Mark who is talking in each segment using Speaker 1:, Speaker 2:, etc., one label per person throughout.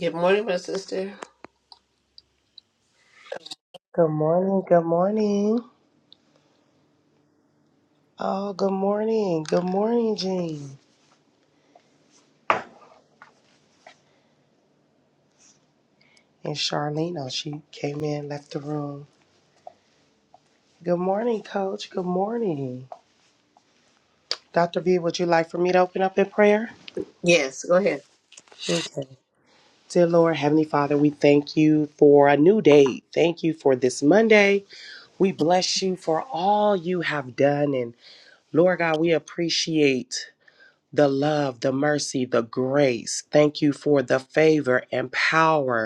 Speaker 1: Good morning, my sister.
Speaker 2: Good morning. Good morning. Oh, good morning. Good morning, Jean. And Charlene, oh, she came in, left the room. Good morning, Coach. Good morning. Dr. V, would you like for me to open up in prayer?
Speaker 1: Yes, go ahead.
Speaker 2: Okay. Dear Lord, Heavenly Father, we thank you for a new day. Thank you for this Monday. We bless you for all you have done. And Lord God, we appreciate the love, the mercy, the grace. Thank you for the favor and power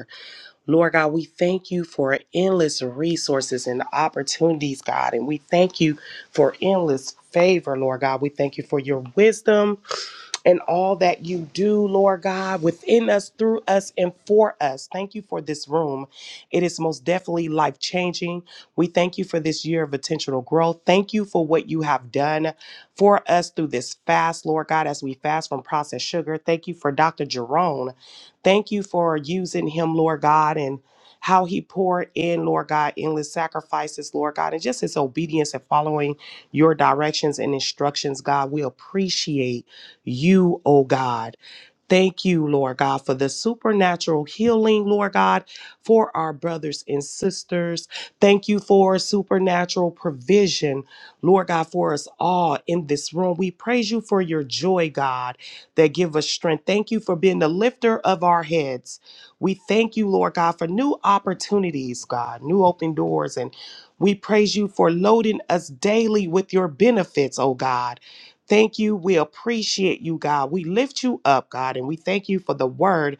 Speaker 2: Lord God, we thank you for endless resources and opportunities, God. And we thank you for endless favor, Lord God. We thank you for your wisdom and all that you do, Lord God, within us, through us, and for us. Thank you for this room. It is most definitely life changing. We thank you for this year of intentional growth. Thank you for what you have done for us through this fast, Lord God, as we fast from processed sugar. Thank you for Dr. Jerome. Thank you for using him, Lord God, and how he poured in, Lord God, endless sacrifices, Lord God, and just his obedience and following your directions and instructions, God. We appreciate you, oh God. Thank you, Lord God, for the supernatural healing, Lord God, for our brothers and sisters. Thank you for supernatural provision, Lord God, for us all in this room. We praise you for your joy, God, that give us strength. Thank you for being the lifter of our heads. We thank you, Lord God, for new opportunities, God, new open doors. And we praise you for loading us daily with your benefits, oh God. Thank you. We appreciate you, God. We lift you up, God, and we thank you for the word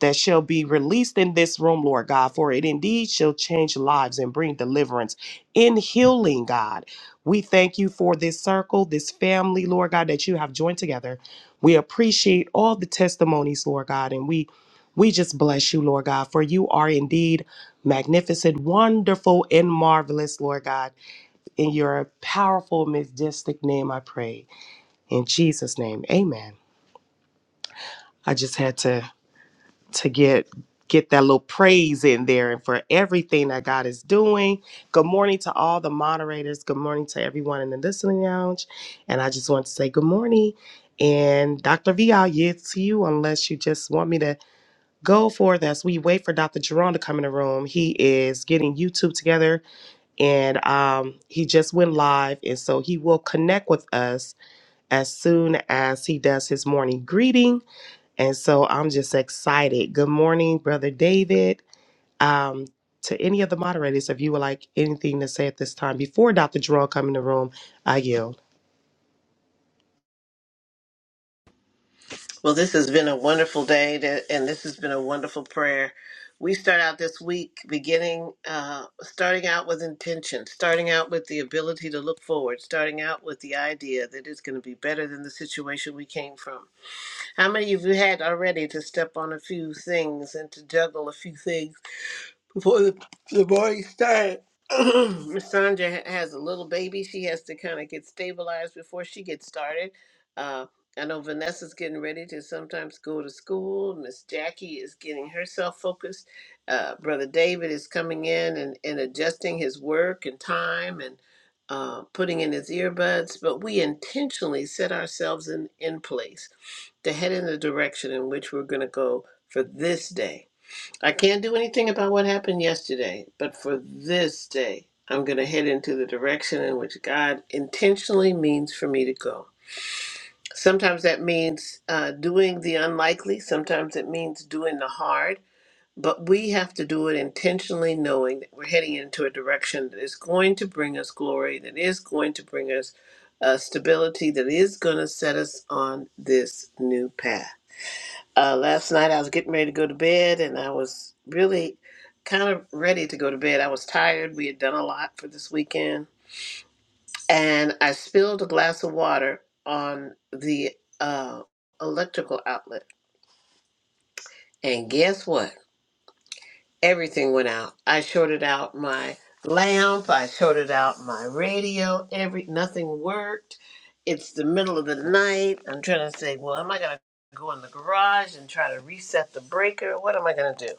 Speaker 2: that shall be released in this room, Lord God, for it indeed shall change lives and bring deliverance in healing, God. We thank you for this circle, this family, Lord God, that you have joined together. We appreciate all the testimonies, Lord God, and we we just bless you, Lord God, for you are indeed magnificent, wonderful, and marvelous, Lord God. In your powerful, majestic name, I pray. In Jesus' name, amen. I just had to to get get that little praise in there and for everything that God is doing. Good morning to all the moderators. Good morning to everyone in the listening lounge. And I just want to say good morning. And Dr. V, I'll yield to you unless you just want me to go for this. We wait for Dr. Jerome to come in the room. He is getting YouTube together and um, he just went live. And so he will connect with us as soon as he does his morning greeting And so I'm just excited. Good morning, Brother David. Um, to any of the moderators, if you would like anything to say at this time before Dr. Jerome come in the room, I yield.
Speaker 1: Well, this has been a wonderful day, that, and this has been a wonderful prayer. We start out this week beginning, uh, starting out with intention, starting out with the ability to look forward, starting out with the idea that it's going to be better than the situation we came from. How many of you had already to step on a few things and to juggle a few things? before the, the party started, Miss Sandra ha- has a little baby. She has to kind of get stabilized before she gets started. Uh, I know Vanessa's getting ready to sometimes go to school. Miss Jackie is getting herself focused. Uh, Brother David is coming in and, and adjusting his work and time and uh, putting in his earbuds. But we intentionally set ourselves in, in place to head in the direction in which we're going to go for this day. I can't do anything about what happened yesterday, but for this day, I'm going to head into the direction in which God intentionally means for me to go. Sometimes that means uh, doing the unlikely, sometimes it means doing the hard, but we have to do it intentionally, knowing that we're heading into a direction that is going to bring us glory, that is going to bring us uh, stability, that is going to set us on this new path uh, last night I was getting ready to go to bed and I was really kind of ready to go to bed. I was tired. We had done a lot for this weekend. And I spilled a glass of water on the uh, electrical outlet. And guess what? Everything went out. I shorted out my lamp, I shorted out my radio, every nothing worked. It's the middle of the night. I'm trying to say, well, am I going to go in the garage and try to reset the breaker? What am I going to do?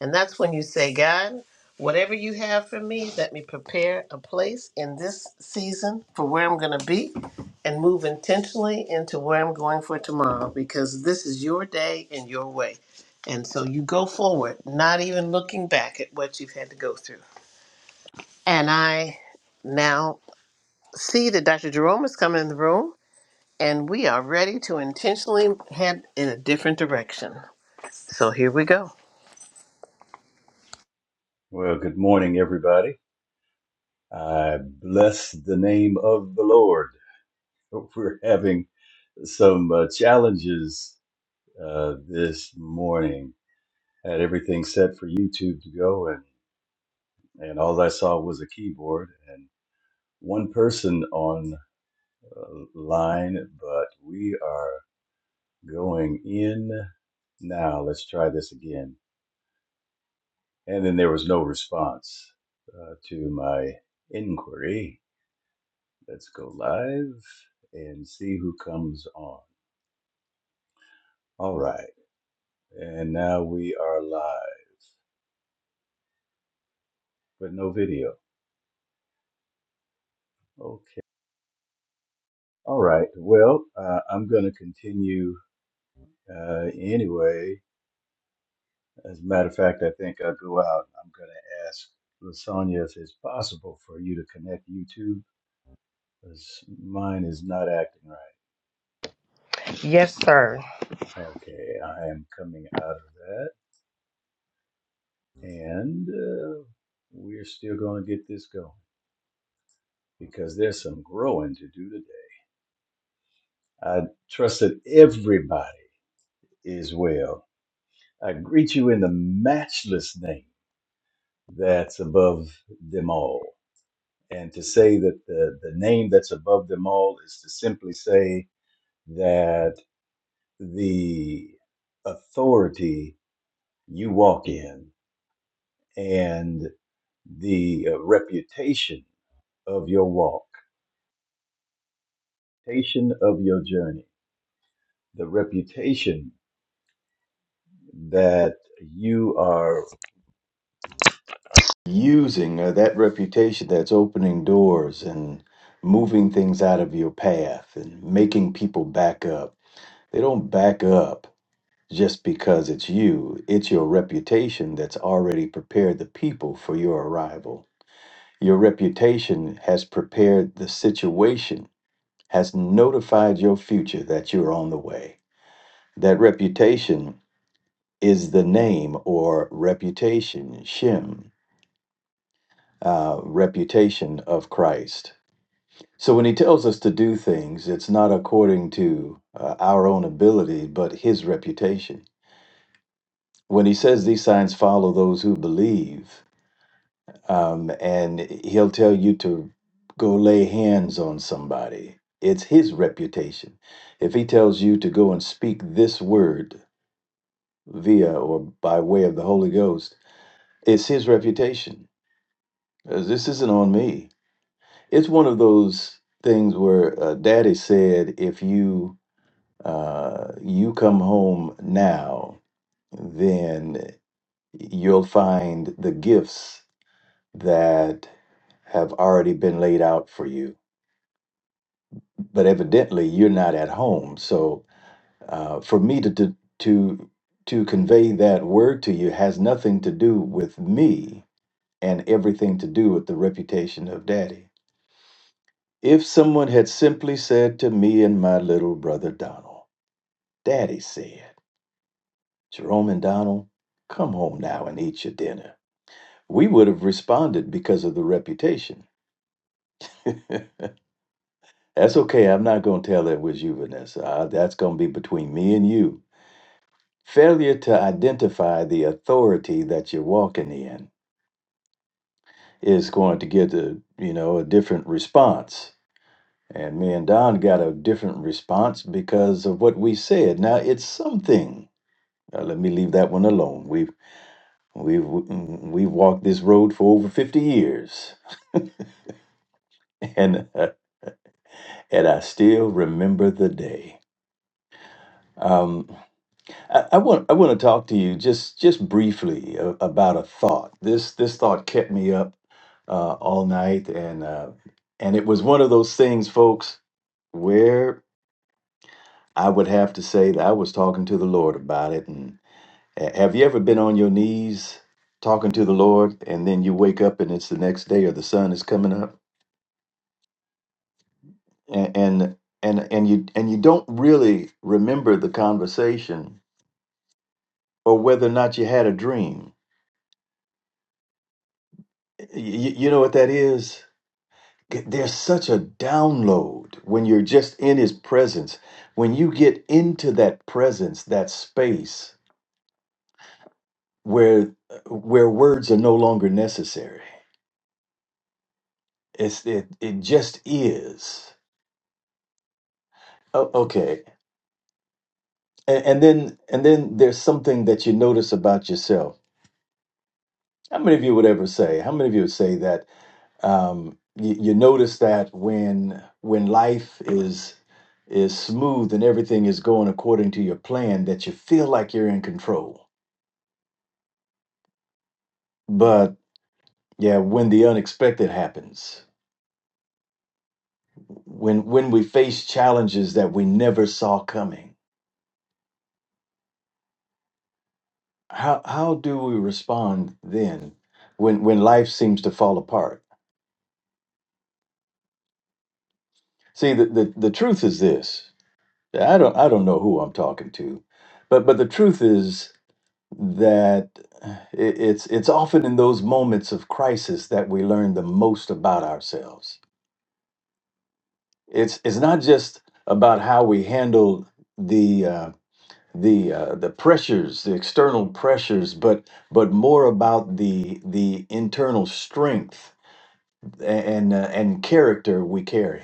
Speaker 1: And that's when you say, God, whatever you have for me, let me prepare a place in this season for where I'm going to be and move intentionally into where I'm going for tomorrow because this is your day and your way. And so you go forward, not even looking back at what you've had to go through. And I now see that Dr. Jerome is coming in the room and we are ready to intentionally head in a different direction. So here we go.
Speaker 3: Well, good morning, everybody. I bless the name of the Lord. We're having some uh, challenges uh, this morning. had everything set for YouTube to go, and, and all I saw was a keyboard and one person on uh, line, but we are going in now. Let's try this again. And then there was no response uh, to my inquiry. Let's go live and see who comes on. All right. And now we are live, but no video. Okay. All right. Well, uh, I'm going to continue uh, anyway. As a matter of fact, I think I'll go out. I'm going to ask Lasagna if it's possible for you to connect YouTube because mine is not acting right.
Speaker 2: Yes, sir.
Speaker 3: Okay. I am coming out of that. And uh, we're still going to get this going because there's some growing to do today. I trust that everybody is well. I greet you in the matchless name that's above them all. And to say that the, the name that's above them all is to simply say that the authority you walk in and the uh, reputation of your walk, reputation of your journey, the reputation that you are using uh, that reputation that's opening doors and moving things out of your path and making people back up. They don't back up just because it's you, it's your reputation that's already prepared the people for your arrival. Your reputation has prepared the situation, has notified your future that you're on the way. That reputation is the name or reputation, Shem, uh, reputation of Christ So when he tells us to do things, it's not according to uh, our own ability, but his reputation. When he says these signs follow those who believe, um, and he'll tell you to go lay hands on somebody, it's his reputation. If he tells you to go and speak this word via or by way of the Holy Ghost, it's his reputation. Uh, This isn't on me. It's one of those things where uh, Daddy said, if you uh, you come home now, then you'll find the gifts that have already been laid out for you. But evidently, you're not at home. So, uh, for me to, to to to convey that word to you has nothing to do with me and everything to do with the reputation of Daddy. If someone had simply said to me and my little brother Donald, "Daddy said." Jerome and Donald, come home now and eat your dinner. We would have responded because of the reputation. That's okay. I'm not going to tell it was you, Vanessa. Uh, that's going to be between me and you. Failure to identify the authority that you're walking in is going to get a you know a different response. And me and Don got a different response because of what we said. Now it's something. Uh, let me leave that one alone. We've we've mm, we've walked this road for over 50 years. and uh, and I still remember the day. Um, I, I want I want to talk to you just just briefly a- about a thought. This this thought kept me up uh, all night, and uh, and it was one of those things, folks, where I would have to say that I was talking to the Lord about it. And ha- have you ever been on your knees talking to the Lord, and then you wake up and it's the next day, or the sun is coming up, and and and, and you and you don't really remember the conversation or whether or not you had a dream. Y- you know what that is? There's such a download when you're just in his presence. When you get into that presence, that space where where words are no longer necessary. It's it it just is. O- okay. And, and then and then there's something that you notice about yourself. How many of you would ever say? How many of you would say that um, you, you notice that when when life is is smooth and everything is going according to your plan, that you feel like you're in control. But yeah, when the unexpected happens, when when we face challenges that we never saw coming, how how do we respond then when when life seems to fall apart? See, the, the, the truth is this. I don't I don't know who I'm talking to, but but the truth is that it, it's it's often in those moments of crisis that we learn the most about ourselves. It's it's not just about how we handle the uh, the uh, the pressures, the external pressures, but but more about the the internal strength and uh, and character we carry.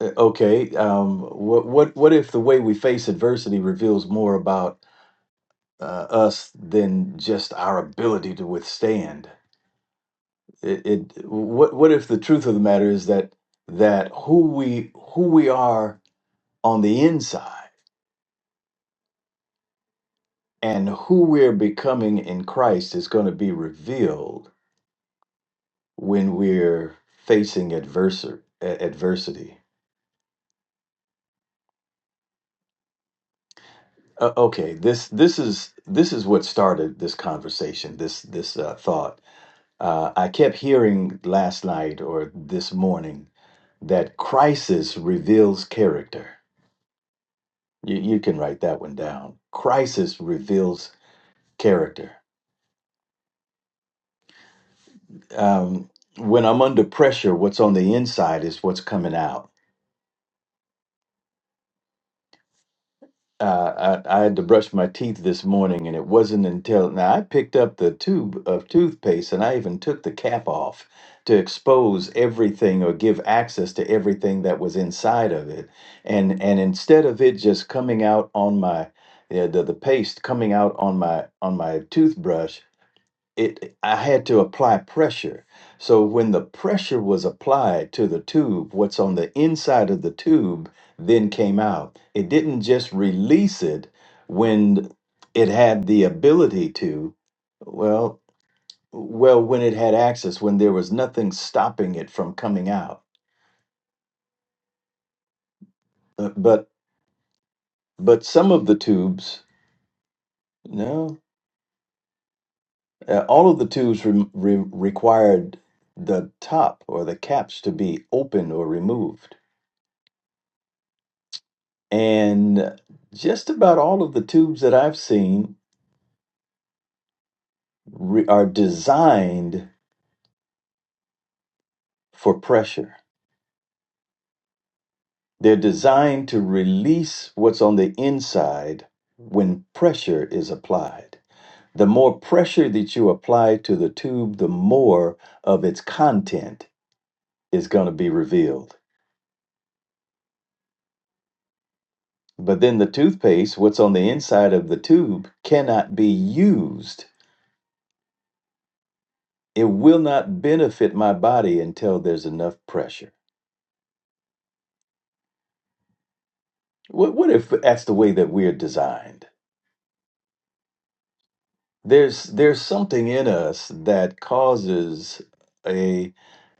Speaker 3: Uh, Okay, um, what what what if the way we face adversity reveals more about uh, us than just our ability to withstand? It, it what what if the truth of the matter is that that who we who we are on the inside and who we're becoming in Christ is going to be revealed when we're facing adversar- a- adversity. Uh, okay, this this is this is what started this conversation. This this uh, thought uh, I kept hearing last night or this morning that crisis reveals character You, you can write that one down. Crisis reveals character. Um, when I'm under pressure, what's on the inside is what's coming out. Uh, I, I had to brush my teeth this morning, and it wasn't until now I picked up the tube of toothpaste and I even took the cap off to expose everything or give access to everything that was inside of it. And and instead of it just coming out on my yeah, the, the paste coming out on my on my toothbrush it I had to apply pressure. So when the pressure was applied to the tube, what's on the inside of the tube then came out. It didn't just release it when it had the ability to, well, well when it had access when there was nothing stopping it from coming out. Uh, But but some of the tubes, no, uh, all of the tubes re- re- required the top or the caps to be open or removed. And just about all of the tubes that I've seen re- are designed for pressure. They're designed to release what's on the inside when pressure is applied. The more pressure that you apply to the tube, the more of its content is going to be revealed. But then the toothpaste, what's on the inside of the tube, cannot be used. It will not benefit my body until there's enough pressure. What, what if that's the way that we're designed? There's there's something in us that causes a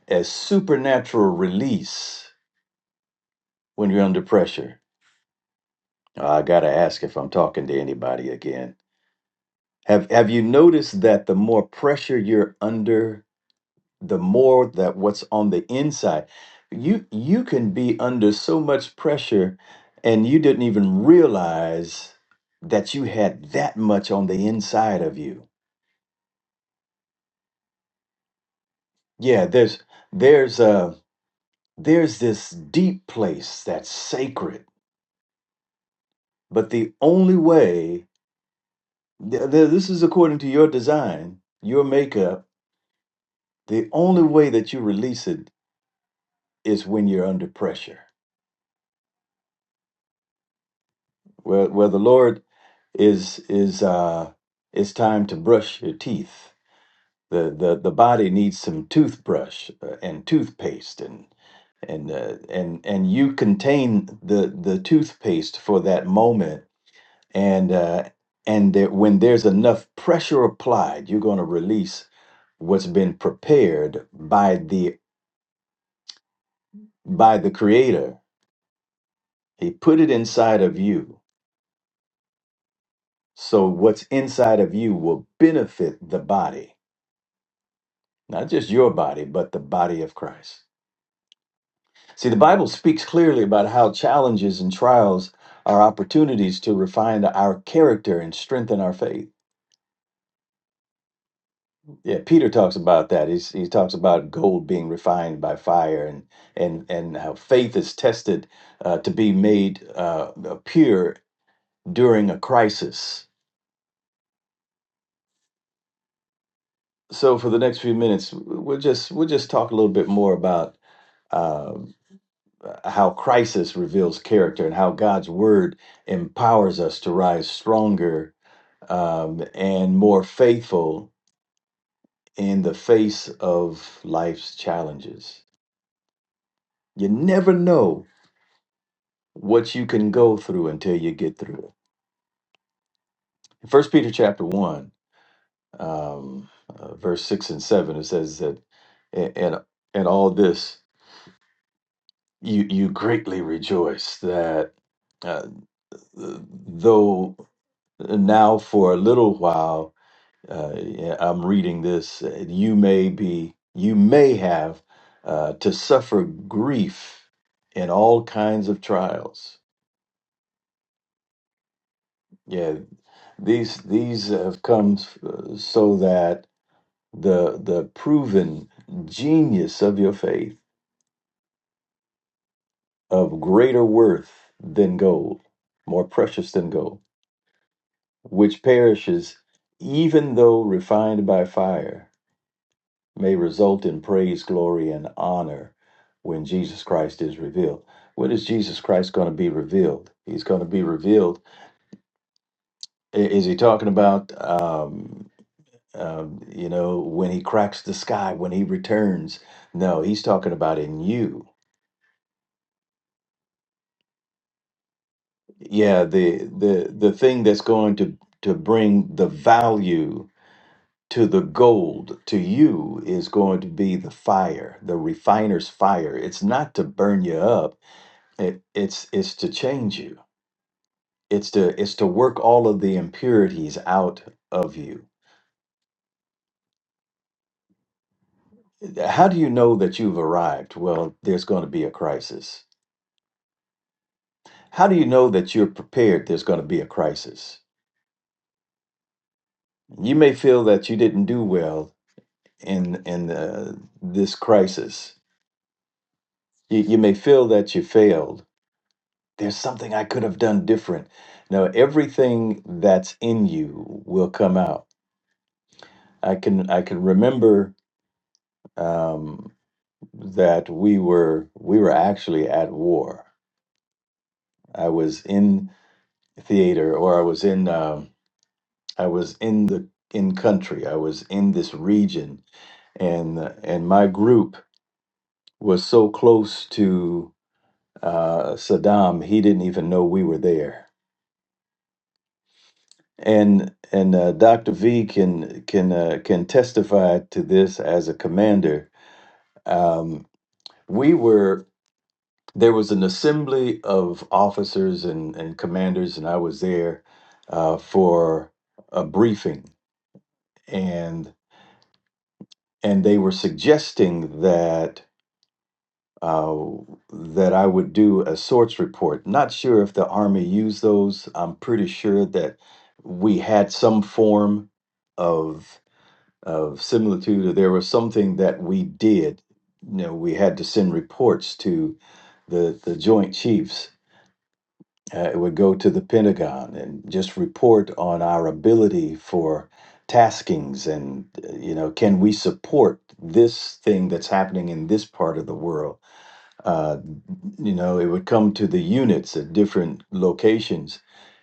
Speaker 3: a supernatural release when you're under pressure. Uh, I gotta ask if I'm talking to anybody again. Have have you noticed that the more pressure you're under, the more that what's on the inside, you you can be under so much pressure and you didn't even realize that you had that much on the inside of you Yeah, there's there's uh there's this deep place that's sacred, but the only way th- th- this is according to your design, your makeup, the only way that you release it is when you're under pressure. Where where the Lord is is uh it's time to brush your teeth. The the the body needs some toothbrush uh, and toothpaste and and uh, and and you contain the the toothpaste for that moment and uh, and that when there's enough pressure applied, you're going to release what's been prepared by the by the creator he put it inside of you so what's inside of you will benefit the body not just your body but the body of christ see the bible speaks clearly about how challenges and trials are opportunities to refine our character and strengthen our faith Yeah, Peter talks about that. He's, he talks about gold being refined by fire, and and and how faith is tested uh, to be made uh, pure during a crisis. So for the next few minutes, we'll just we'll just talk a little bit more about uh, how crisis reveals character and how God's word empowers us to rise stronger um, and more faithful in the face of life's challenges. You never know what you can go through until you get through it. First Peter chapter one, um, uh, verse six and seven, it says that, a- and and all this you you greatly rejoice that uh, though now for a little while uh, yeah, I'm reading this, uh, you may be you may have uh, to suffer grief in all kinds of trials. Yeah, these these have come uh, so that the the proven genius of your faith of greater worth than gold more precious than gold which perishes even though refined by fire may result in praise glory and honor when Jesus Christ is revealed what is Jesus Christ going to be revealed he's going to be revealed i- is he talking about um um, you know when he cracks the sky when he returns no he's talking about in you Yeah, the the the thing that's going to to bring the value to the gold to you is going to be the fire, the refiner's fire. It's not to burn you up. It, it's it's to change you. It's to it's to work all of the impurities out of you. How do you know that you've arrived? Well, there's going to be a crisis. How do you know that you're prepared? There's going to be a crisis. You may feel that you didn't do well in in uh, this crisis. You, you may feel that you failed. There's something I could have done different. No, everything that's in you will come out. I can I can remember um, that we were we were actually at war. I was in theater, or I was in um, I was in the in country. I was in this region, and and my group was so close to uh, Saddam, he didn't even know we were there. And and uh, Dr. V can can uh, can testify to this as a commander. Um, we were there was an assembly of officers and, and commanders, and I was there uh, for a briefing, and and they were suggesting that uh, that I would do a sorts report. Not sure if the Army used those. I'm pretty sure that we had some form of of similitude, or there was something that we did. You know, we had to send reports to the the Joint Chiefs. Uh, it would go to the Pentagon and just report on our ability for taskings and uh, you know can we support this thing that's happening in this part of the world Uh, you know it would come to the units at different locations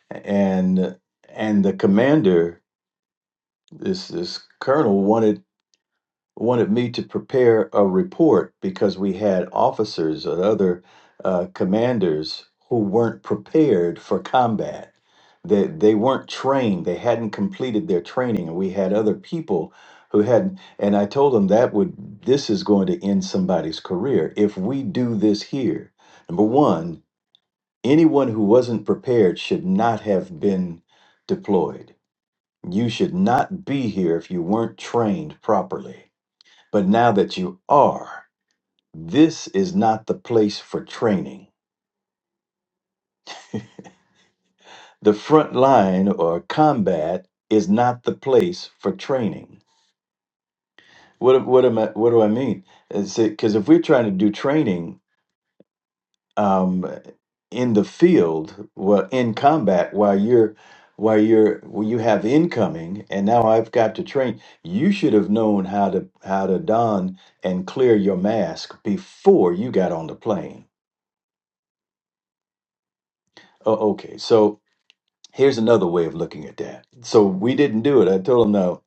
Speaker 3: and and the commander this this colonel wanted wanted me to prepare a report because we had officers and other uh, commanders who weren't prepared for combat they, they weren't trained they hadn't completed their training and we had other people who hadn't and i told them that would this is going to end somebody's career if we do this here number one Anyone who wasn't prepared should not have been deployed. You should not be here if you weren't trained properly. But now that you are, this is not the place for training. The front line or combat is not the place for training. What, what am I? What do I mean? Because if we're trying to do training um, in the field, well, in combat, while you're while you're when you have incoming, and now I've got to train. You should have known how to how to don and clear your mask before you got on the plane. Oh, okay. So here's another way of looking at that. So we didn't do it. I told him no.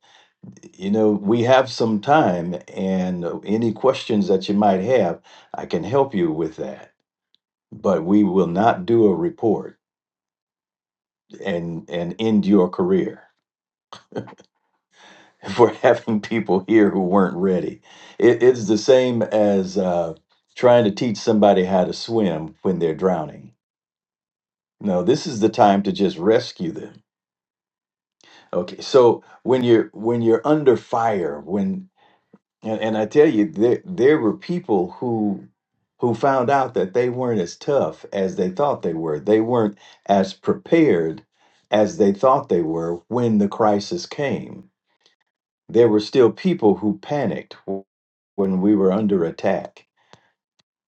Speaker 3: You know, we have some time, and any questions that you might have, I can help you with that. But we will not do a report and and end your career for having people here who weren't ready. It, it's the same as uh, trying to teach somebody how to swim when they're drowning. No, this is the time to just rescue them. Okay, so when you're when you're under fire, when and, and I tell you, there there were people who who found out that they weren't as tough as they thought they were. They weren't as prepared as they thought they were when the crisis came There were still people who panicked w- when we were under attack.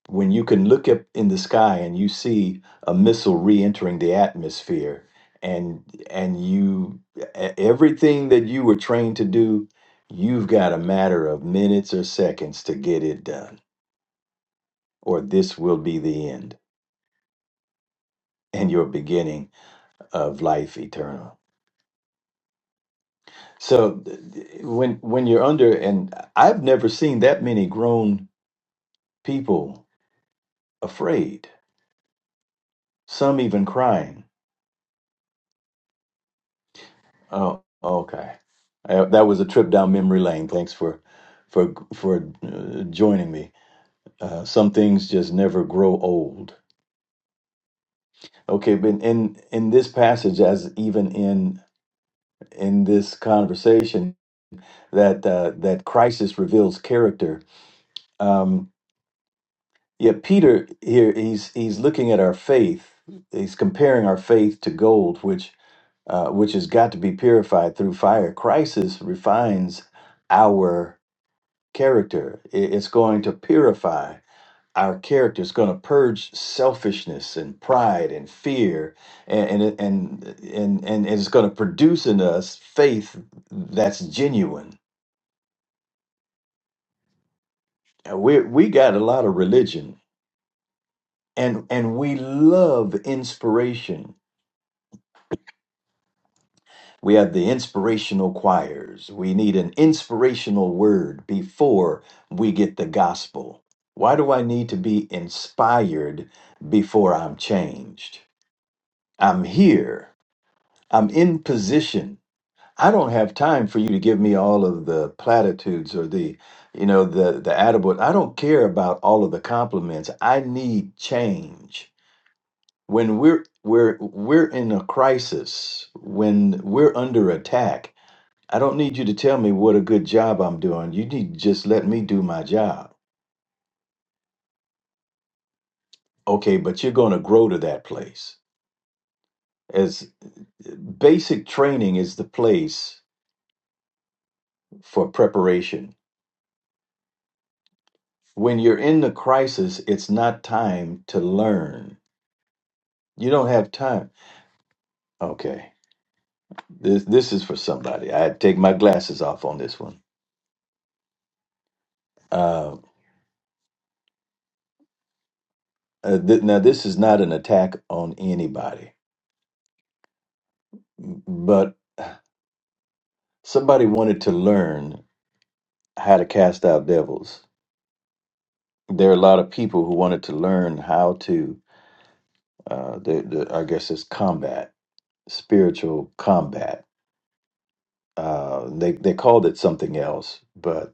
Speaker 3: When you can look up in the sky and you see a missile re-entering the atmosphere, and and you e- everything that you were trained to do, you've got a matter of minutes or seconds to get it done, or this will be the end and your beginning of life eternal. So th- th- when when you're under, and I've never seen that many grown people afraid some even crying. Oh, okay. Uh, that was a trip down memory lane. Thanks for for for uh, joining me. Uh, some things just never grow old. Okay, but in in this passage, as even in in this conversation, that uh, that crisis reveals character. Um, yeah, Peter here he's he's looking at our faith. He's comparing our faith to gold, which uh, which has got to be purified through fire. Crisis refines our character. I- It's going to purify our character. It's going to purge selfishness and pride and fear, and and and and, and it's going to produce in us faith that's genuine. Uh, We we got a lot of religion, and and we love inspiration We have the inspirational choirs. We need an inspirational word before we get the gospel. Why do I need to be inspired before I'm changed? I'm here. I'm in position. I don't have time for you to give me all of the platitudes or the, you know, the the attabout. I don't care about all of the compliments. I need change. When we're we're we're in a crisis, when we're under attack, I don't need you to tell me what a good job I'm doing. You need to just let me do my job. Okay, but you're going to grow to that place. As eh, basic training is the place for preparation. When you're in the crisis, it's not time to learn. You don't have time. Okay, this this is for somebody. I take my glasses off on this one. Uh, uh, th- now, this is not an attack on anybody, but somebody wanted to learn how to cast out devils there are a lot of people who wanted to learn how to uh the, the i guess it's combat spiritual combat uh they they called it something else but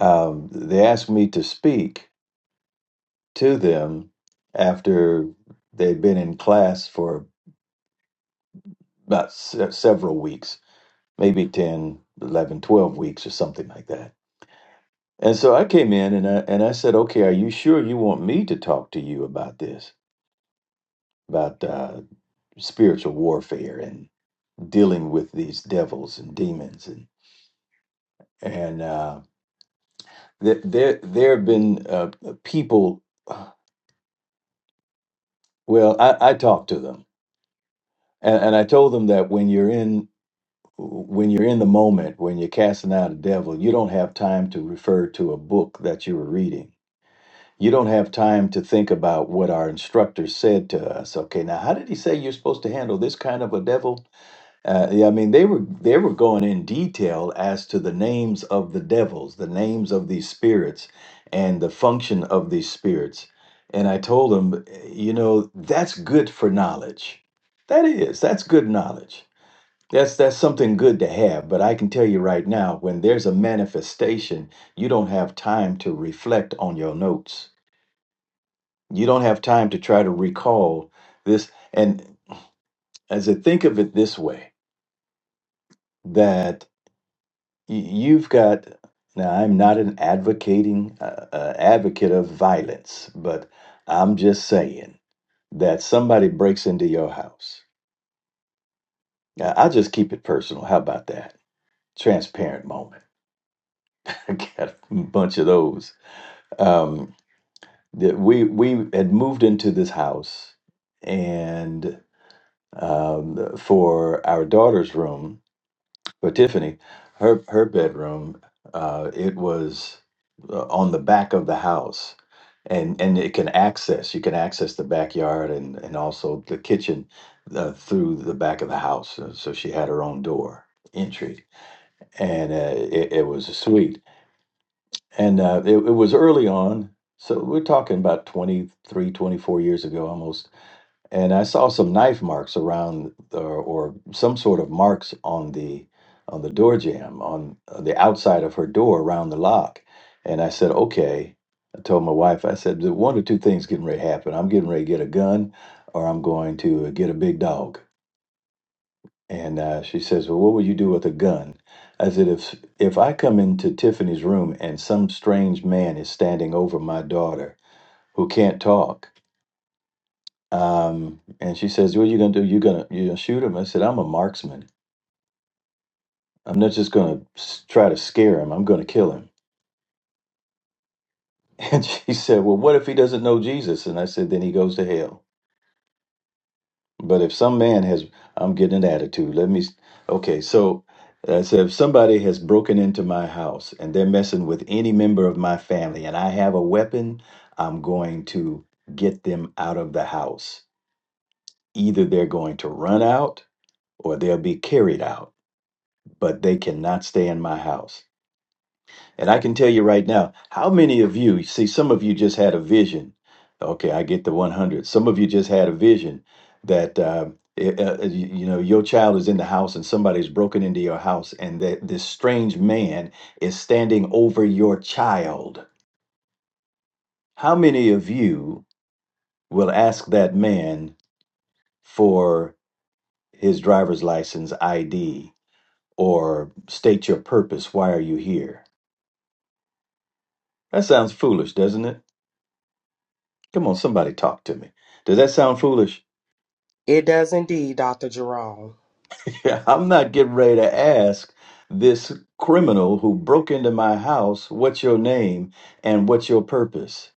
Speaker 3: um they asked me to speak to them after they'd been in class for about se- several weeks maybe 10, 11, 12 weeks or something like that and so i came in and i and i said okay are you sure you want me to talk to you about this about uh spiritual warfare dealing with these devils and demons and and uh, there there there have been uh, people. Well, I, I talked to them and, and I told them that when you're in when you're in the moment, when you're casting out a devil, you don't have time to refer to a book that you were reading. You don't have time to think about what our instructor said to us. Okay, now how did he say you're supposed to handle this kind of a devil? Uh, yeah, I mean they were they were going in detail as to the names of the devils, the names of these spirits, and the function of these spirits. And I told them, you know, that's good for knowledge. That is, that's good knowledge. That's that's something good to have. But I can tell you right now, when there's a manifestation, you don't have time to reflect on your notes. You don't have time to try to recall this. And as I think of it this way, that y- you've got now i'm not an advocating uh, uh, advocate of violence but i'm just saying that somebody breaks into your house Now, i'll just keep it personal how about that transparent moment i got a bunch of those um, that we we had moved into this house and um, for our daughter's room But Tiffany, her her bedroom, uh, it was uh, on the back of the house, and and it can access you can access the backyard and and also the kitchen uh, through the back of the house. Uh, So she had her own door entry, and uh, it, it was a suite. And uh, it, it was early on, so we're talking about 23, 24 years ago, almost and I saw some knife marks around the, or some sort of marks on the on the door jamb on the outside of her door around the lock. And I said, okay. I told my wife, I said, "The one or two things getting ready to happen. I'm getting ready to get a gun, or I'm going to get a big dog. And uh, she says, well, what would you do with a gun? I said, if if I come into Tiffany's room and some strange man is standing over my daughter who can't talk. Um, and she says, "What are you gonna do? You gonna you gonna shoot him?" I said, "I'm a marksman. I'm not just gonna s- try to scare him. I'm gonna kill him." And she said, "Well, what if he doesn't know Jesus?" And I said, "Then he goes to hell." But if some man has, I'm getting an attitude. Let me, s- okay. So I said, if somebody has broken into my house and they're messing with any member of my family, and I have a weapon, I'm going to get them out of the house. Either they're going to run out, or they'll be carried out but they cannot stay in my house. And I can tell you right now, how many of you see, some of you just had a vision. Okay, I get the 100. Some of you just had a vision that, uh, it- uh, you you know, your child is in the house and somebody's broken into your house, and that this strange man is standing over your child. How many of you will ask that man for his driver's license ID or state your purpose? Why are you here? That sounds foolish, doesn't it? Come on, somebody talk to me. Does that sound foolish?
Speaker 2: It does indeed, Dr. Jerome.
Speaker 3: Yeah, I'm not getting ready to ask this criminal who broke into my house, what's your name and what's your purpose?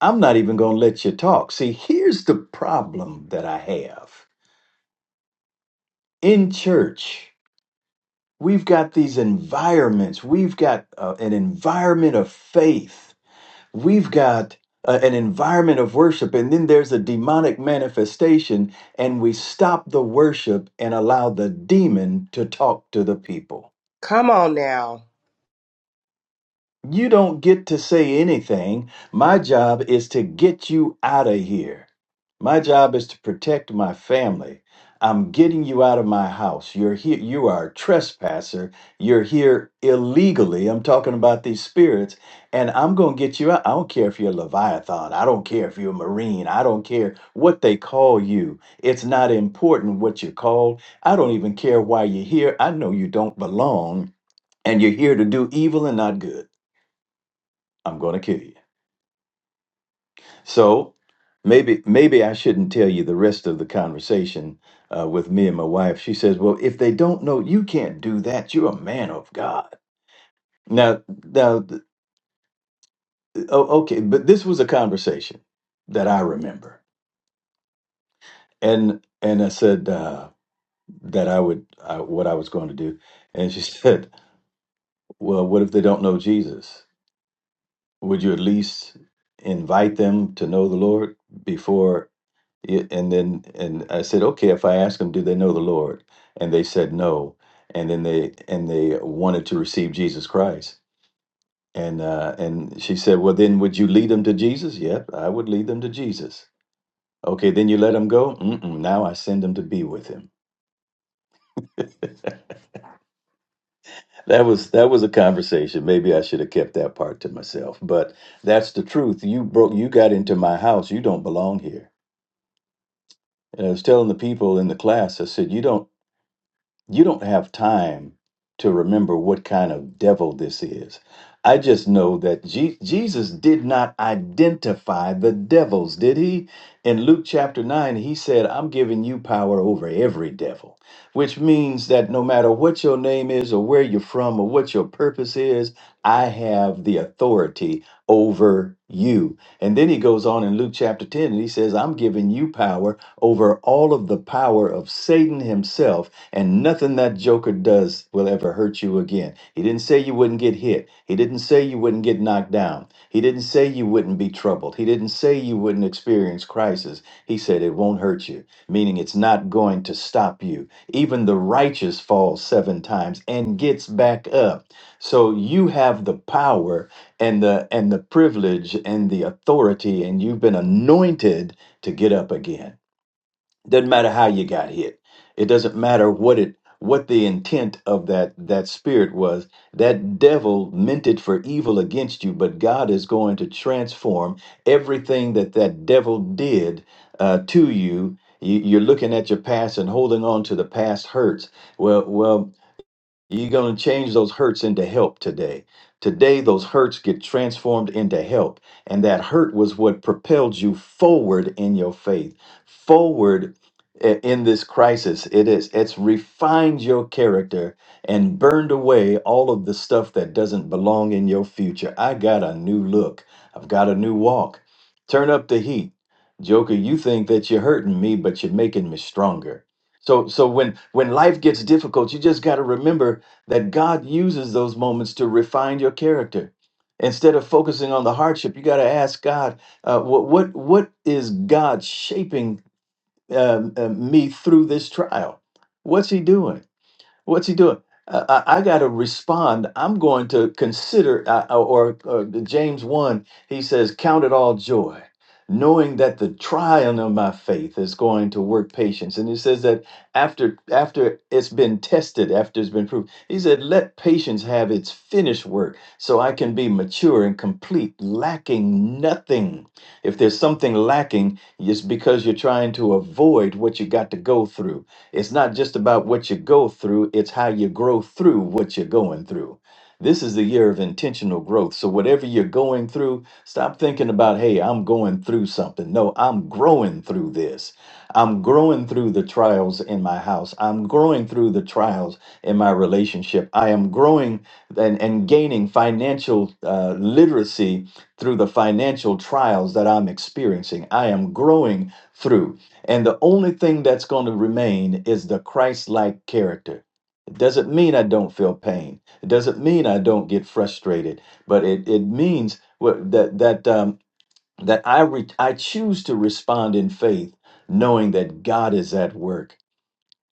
Speaker 3: I'm not even going to let you talk. See, here's the problem that I have in church. We've got these environments. We've got uh, an environment of faith we've got uh, an environment of worship and then there's a demonic manifestation and we stop the worship and allow the demon to talk to the people
Speaker 2: Come on now.
Speaker 3: You don't get to say anything. My job is to get you out of here. My job is to protect my family. I'm getting you out of my house. You're here. You are a trespasser. You're here illegally. I'm talking about these spirits, and I'm going to get you out. I don't care if you're a Leviathan. I don't care if you're a Marine. I don't care what they call you. It's not important what you're called. I don't even care why you're here. I know you don't belong, and you're here to do evil and not good. I'm going to kill you. So maybe maybe I shouldn't tell you the rest of the conversation uh, with me and my wife. She says, "Well, if they don't know, you can't do that. You're a man of God." Now, now, th- oh, okay, but this was a conversation that I remember, and and I said uh, that I would I, what I was going to do, and she said, "Well, what if they don't know Jesus? Would you at least invite them to know the Lord before?" Yeah, and then and I said, okay, if I ask them, do they know the Lord? And they said no. And then they and they wanted to receive Jesus Christ. And uh, and she said, well, then would you lead them to Jesus? Yep, I would lead them to Jesus. Okay, then you let them go. Mm-mm, now I send them to be with Him. That was that was a conversation. Maybe I should have kept that part to myself, but that's the truth. You broke. You got into my house. You don't belong here. And I was telling the people in the class. I said, you don't. You don't have time to remember what kind of devil this is. I just know that Je- Jesus did not identify the devils, did he? In Luke chapter 9, he said, I'm giving you power over every devil, which means that no matter what your name is or where you're from or what your purpose is, I have the authority over you. And then he goes on in Luke chapter 10 and he says, I'm giving you power over all of the power of Satan himself and nothing that joker does will ever hurt you again. He didn't say you wouldn't get hit. He didn't say you wouldn't get knocked down. He didn't say you wouldn't be troubled. He didn't say you wouldn't experience crisis. He said it won't hurt you, meaning it's not going to stop you. Even the righteous falls seven times and gets back up. So you have the power and the and the privilege and the authority and you've been anointed to get up again doesn't matter how you got hit it doesn't matter what it what the intent of that that spirit was that devil meant it for evil against you but god is going to transform everything that that devil did uh, to you You- you're looking at your past and holding on to the past hurts well well you're going to change those hurts into help today. Today, those hurts get transformed into help. And that hurt was what propelled you forward in your faith, forward i- in this crisis. It is, it's refined your character and burned away all of the stuff that doesn't belong in your future. I got a new look, I've got a new walk. Turn up the heat. Joker, you think that you're hurting me, but you're making me stronger. So so when when life gets difficult, you just got to remember that God uses those moments to refine your character. Instead of focusing on the hardship, you got to ask God, uh, what what what is God shaping um, uh, me through this trial? What's He doing? What's he doing? Uh, I, I got to respond. I'm going to consider, uh, uh, or, or the James 1, he says, Count it all joy, knowing that the trial of my faith is going to work patience. And he says that after after it's been tested, after it's been proved, he said, Let patience have its finished work so I can be mature and complete, lacking nothing. If there's something lacking, it's because you're trying to avoid what you got to go through it's not just about what you go through, it's how you grow through what you're going through. This is the year of intentional growth. So, whatever you're going through, stop thinking about, hey, I'm going through something. No, I'm growing through this. I'm growing through the trials in my house. I'm growing through the trials in my relationship. I am growing and, and gaining financial uh, literacy through the financial trials that I'm experiencing. I am growing through. And the only thing that's going to remain is the Christ like character. It doesn't mean I don't feel pain. It doesn't mean I don't get frustrated, but it, it means what- that that um, that I re- I choose to respond in faith, knowing that God is at work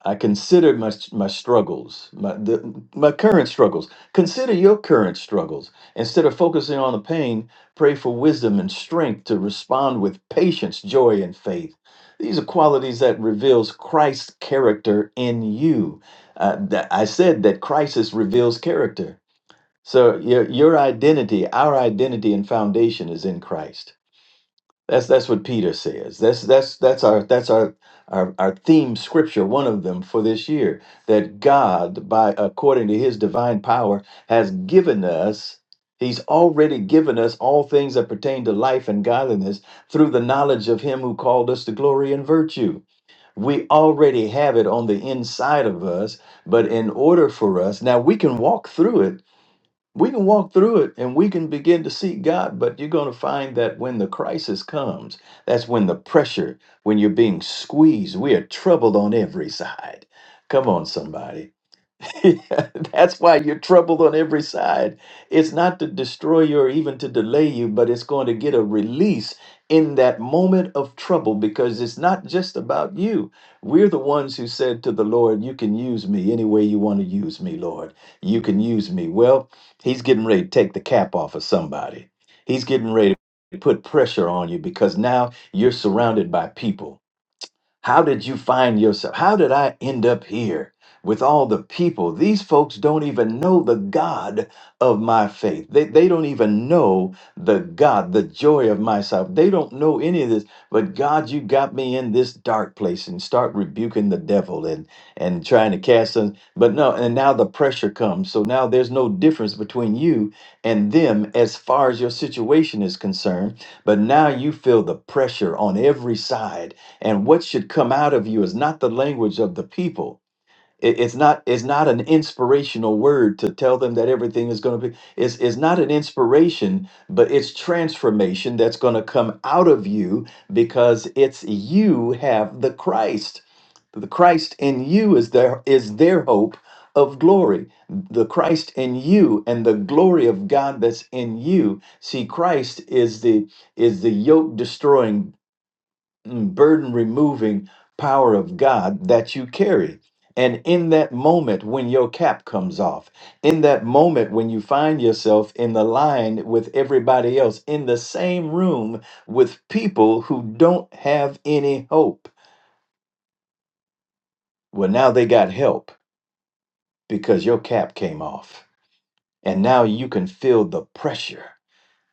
Speaker 3: I considered my my struggles, my the, my current struggles. Consider your current struggles. Instead of focusing on the pain, pray for wisdom and strength to respond with patience, joy, and faith. These are qualities that reveals Christ's character in you. Uh, that I said that crisis reveals character. So your your identity, our identity and foundation is in Christ. That's that's what Peter says. That's that's that's our that's our, our our theme scripture, one of them for this year, that God, by according to his divine power, has given us, he's already given us all things that pertain to life and godliness through the knowledge of him who called us to glory and virtue. We already have it on the inside of us, but in order for us, now we can walk through it we can walk through it and we can begin to seek God, but you're going to find that when the crisis comes, that's when the pressure, when you're being squeezed, we are troubled on every side. Come on, somebody. That's why you're troubled on every side. It's not to destroy you or even to delay you, but it's going to get a release in that moment of trouble because it's not just about you. We're the ones who said to the Lord, You can use me any way you want to use me, Lord. You can use me. Well, He's getting ready to take the cap off of somebody, He's getting ready to put pressure on you because now you're surrounded by people. How did you find yourself? How did I end up here with all the people? These folks don't even know the God of my faith. They, they don't even know the God, the joy of my salvation. They don't know any of this. But God, you got me in this dark place and start rebuking the devil and and trying to cast them. But no, and now the pressure comes. So now there's no difference between you and them as far as your situation is concerned. But now you feel the pressure on every side and what should come out of you is not the language of the people It- it's not it's not an inspirational word to tell them that everything is going to be it's, it's not an inspiration but it's transformation that's going to come out of you because it's you have the christ the christ in you is their is their hope of glory the christ in you and the glory of god that's in you see christ is the is the yoke destroying mm, burden removing power of God that you carry. And in that moment when your cap comes off, in that moment when you find yourself in the line with everybody else, in the same room with people who don't have any hope, well, now they got help because your cap came off. And now you can feel the pressure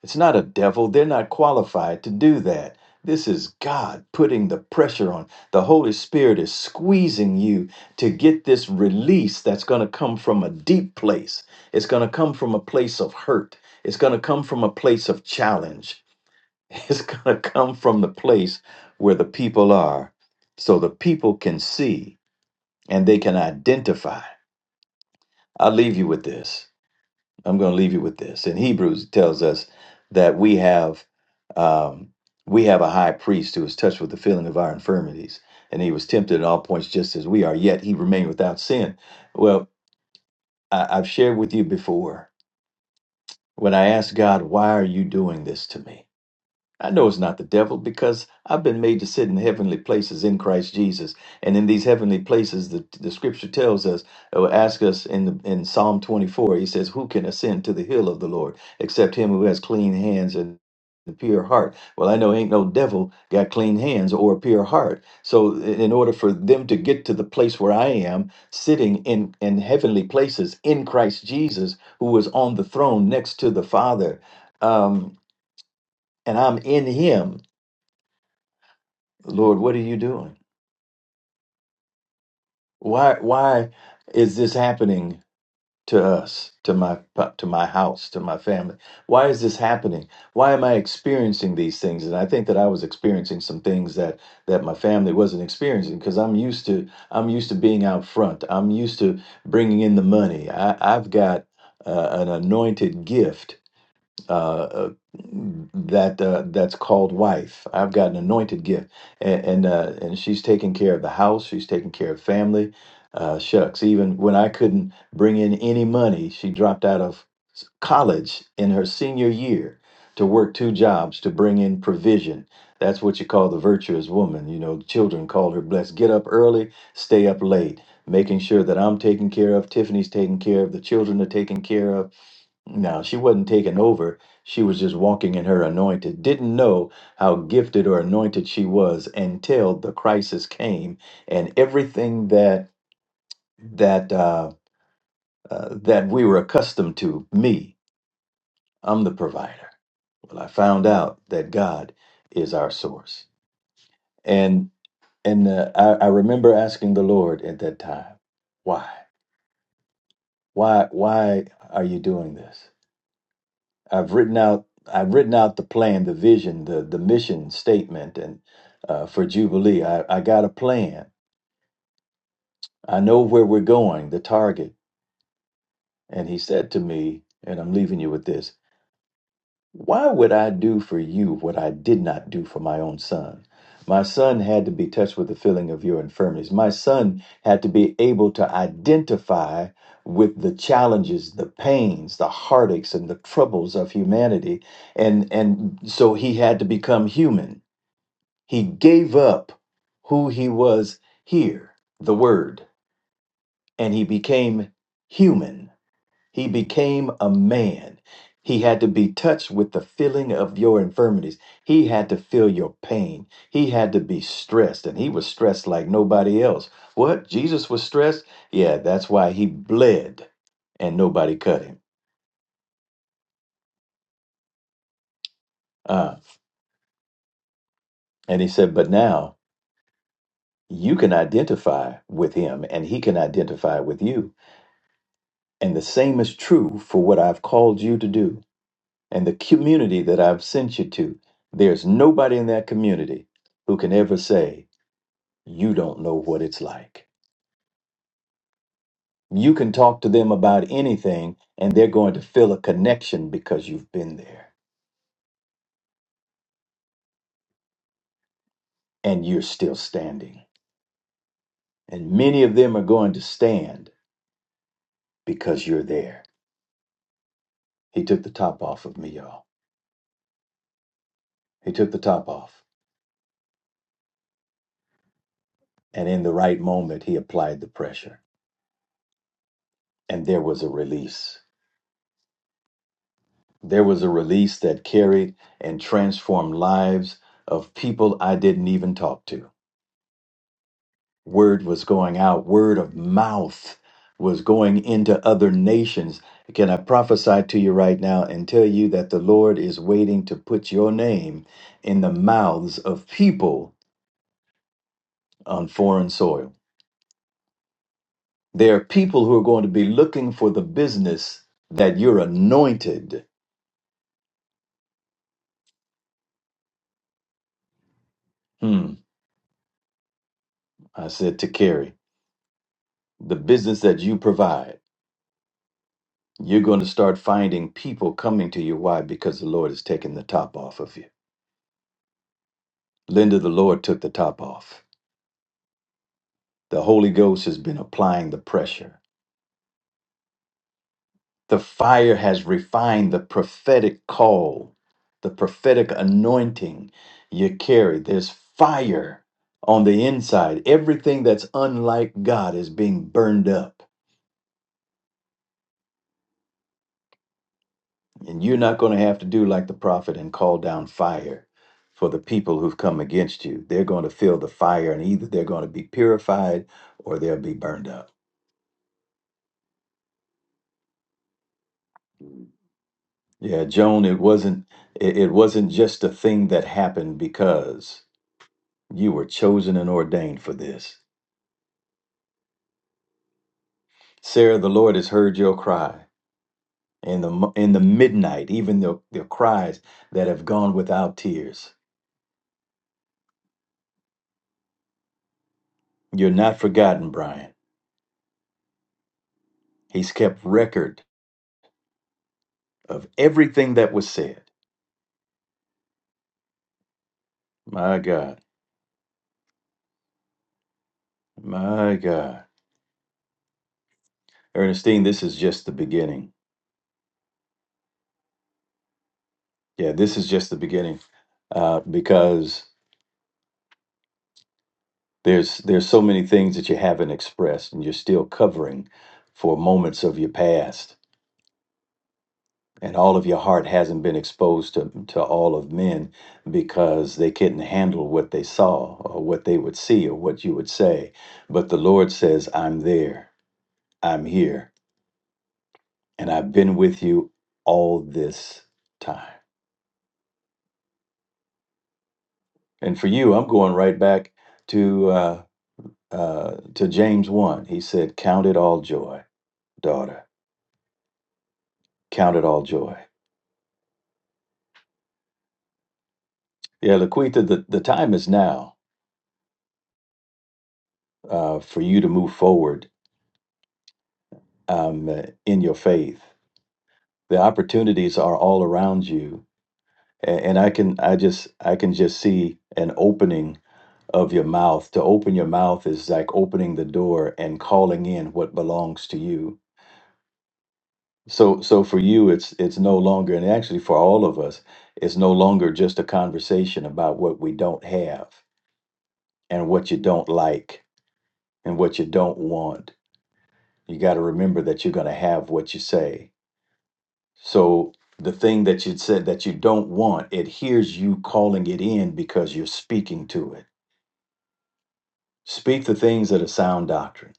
Speaker 3: It's not a devil. They're not qualified to do that. This is God putting the pressure on. The Holy Spirit is squeezing you to get this release that's going to come from a deep place. It's going to come from a place of hurt. It's going to come from a place of challenge. It's going to come from the place where the people are so the people can see and they can identify. I'll leave you with this. I'm going to leave you with this. In Hebrews, it tells us that we have um, we have a high priest who is touched with the feeling of our infirmities, and he was tempted in all points just as we are. Yet he remained without sin. Well, I, I've shared with you before when I asked God, "Why are you doing this to me?" I know it's not the devil because I've been made to sit in heavenly places in Christ Jesus. And in these heavenly places, the, the scripture tells us, or asks us in, the, in Psalm 24, he says, Who can ascend to the hill of the Lord except him who has clean hands and a pure heart? Well, I know ain't no devil got clean hands or a pure heart. So, i- in order for them to get to the place where I am, sitting in, in heavenly places in Christ Jesus, who was on the throne next to the Father, um, and I'm in him Lord, what are you doing? Why why is this happening to us, to my to my house, to my family? Why is this happening? Why am I experiencing these things? And I think that I was experiencing some things that that my family wasn't experiencing because I'm used to I'm used to being out front. I'm used to bringing in the money. I, I've got uh, an anointed gift uh, uh, that uh, that's called wife. I've got an anointed gift, and and, uh, and she's taking care of the house. She's taking care of family. Uh, shucks, even when I couldn't bring in any money, she dropped out of s- college in her senior year to work two jobs to bring in provision. That's what you call the virtuous woman. You know, children call her blessed. Get up early, stay up late, making sure that I'm taken care of, Tiffany's taken care of, the children are taken care of now, she wasn't taking over. She was just walking in her anointed. Didn't know how gifted or anointed she was until the crisis came and everything that that uh, uh, that we were accustomed to. Me, I'm the provider. Well, I found out that God is our source. And and uh, I, I remember asking the Lord at that time, why, why, why are you doing this? I've written out I've written out the plan, the vision, the the mission statement, and uh, for Jubilee, I, I got a plan. I know where we're going, the target. And he said to me, and I'm leaving you with this. Why would I do for you what I did not do for my own son? My son had to be touched with the feeling of your infirmities. My son had to be able to identify with the challenges, the pains, the heartaches, and the troubles of humanity. And, and so he had to become human. He gave up who he was here, the word, and he became human. He became a man. He had to be touched with the feeling of your infirmities. He had to feel your pain. He had to be stressed, and he was stressed like nobody else. What? Jesus was stressed? Yeah, that's why he bled and nobody cut him. Uh, and he said, But now you can identify with him, and he can identify with you. And the same is true for what I've called you to do. and the community that I've sent you to, there's nobody in that community who can ever say, You don't know what it's like. You can talk to them about anything, and they're going to feel a connection because you've been there and you're still standing. And many of them are going to stand because you're there. He took the top off of me, y'all. He took the top off. And in the right moment, he applied the pressure, and there was a release. There was a release that carried and transformed lives of people I didn't even talk to. Word was going out, word of mouth was going into other nations. Can I prophesy to you right now and tell you that the Lord is waiting to put your name in the mouths of people on foreign soil? There are people who are going to be looking for the business that you're anointed. Hmm, I said to Carrie, the business that you provide You're going to start finding people coming to you. Why? Because the Lord has taken the top off of you. Linda, the Lord took the top off. The Holy Ghost has been applying the pressure. The fire has refined the prophetic call, the prophetic anointing you carry. There's fire on the inside. Everything that's unlike God is being burned up. And you're not going to have to do like the prophet and call down fire for the people who've come against you. They're going to feel the fire, and either they're going to be purified or they'll be burned up. Yeah, Joan, it wasn't it, it wasn't just a thing that happened because you were chosen and ordained for this. Sarah, the Lord has heard your cry in the mo- in the midnight, even the, the cries that have gone without tears. You're not forgotten, Brian. He's kept record of everything that was said. My God. My God. Ernestine, this is just the beginning. Yeah, this is just the beginning uh, because there's there's so many things that you haven't expressed and you're still covering for moments of your past. And all of your heart hasn't been exposed to, to all of men because they couldn't handle what they saw or what they would see or what you would say. But the Lord says, I'm there, I'm here, and I've been with you all this time. And for you, I'm going right back to uh, uh, to James one. He said, "Count it all joy, daughter. Count it all joy." Yeah, Laquita, the, the time is now uh, for you to move forward um, uh, in your faith. The opportunities are all around you, and, and I can I just I can just see an opening of your mouth. To open your mouth is like opening the door and calling in what belongs to you So, so for you, it's it's no longer, and actually for all of us, it's no longer just a conversation about what we don't have and what you don't like and what you don't want. You got to remember that you're going to have what you say. So the thing that you said that you don't want, it hears you calling it in because you're speaking to it. Speak the things that are sound doctrine.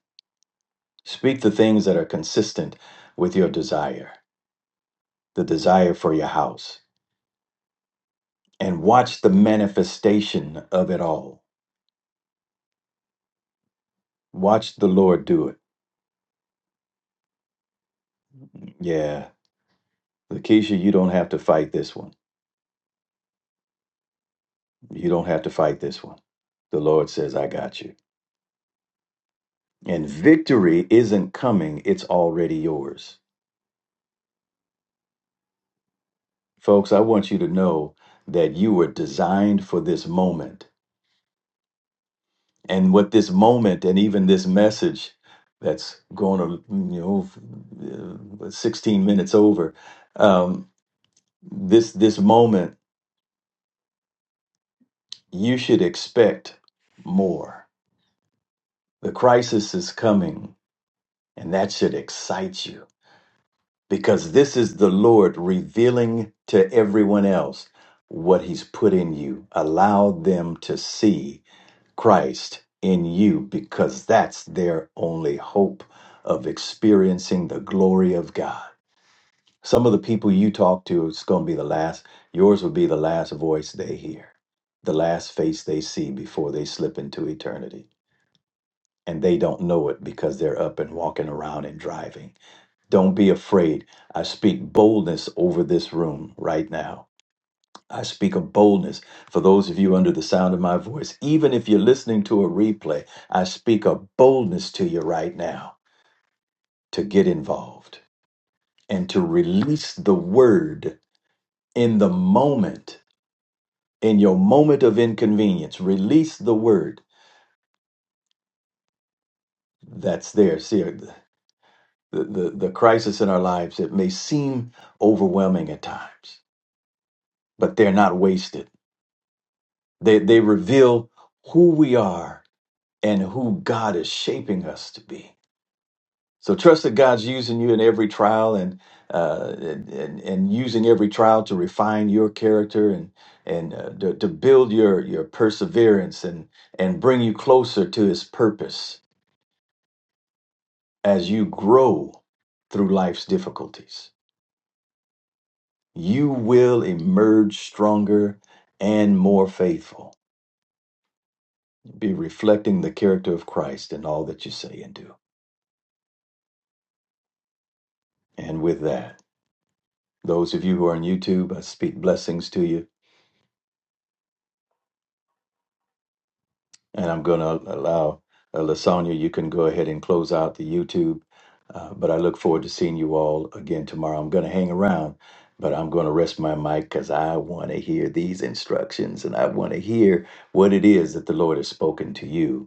Speaker 3: Speak the things that are consistent with your desire, the desire for your house and watch the manifestation of it all. Watch the Lord do it. Yeah. Lakeisha, you don't have to fight this one. You don't have to fight this one. The Lord says, I got you. And victory isn't coming, it's already yours. Folks, I want you to know that you were designed for this moment. And what this moment and even this message that's going to, you know, f- uh, 16 minutes over, um, this, this moment you should expect more. The crisis is coming, and that should excite you because this is the Lord revealing to everyone else what He's put in you. Allow them to see Christ in you because that's their only hope of experiencing the glory of God. Some of the people you talk to, it's going to be the last, yours will be the last voice they hear, the last face they see before they slip into eternity. and they don't know it because they're up and walking around and driving. Don't be afraid. I speak boldness over this room right now. I speak of boldness for those of you under the sound of my voice. Even if you're listening to a replay, I speak of boldness to you right now to get involved and to release the word in the moment, in your moment of inconvenience. Release the word that's there. See, the, the, the crisis in our lives that may seem overwhelming at times, but they're not wasted. They, they reveal who we are and who God is shaping us to be. So trust that God's using you in every trial and, uh, and, and, and using every trial to refine your character and, and uh, to, to build your, your perseverance and, and bring you closer to his purpose as you grow through life's difficulties. you will emerge stronger and more faithful. Be reflecting the character of Christ in all that you say and do. And with that, those of you who are on YouTube, I speak blessings to you. And I'm going to allow uh, Lasagna, you can go ahead and close out the YouTube. Uh, but I look forward to seeing you all again tomorrow. I'm going to hang around, but I'm going to rest my mic because I want to hear these instructions and I want to hear what it is that the Lord has spoken to you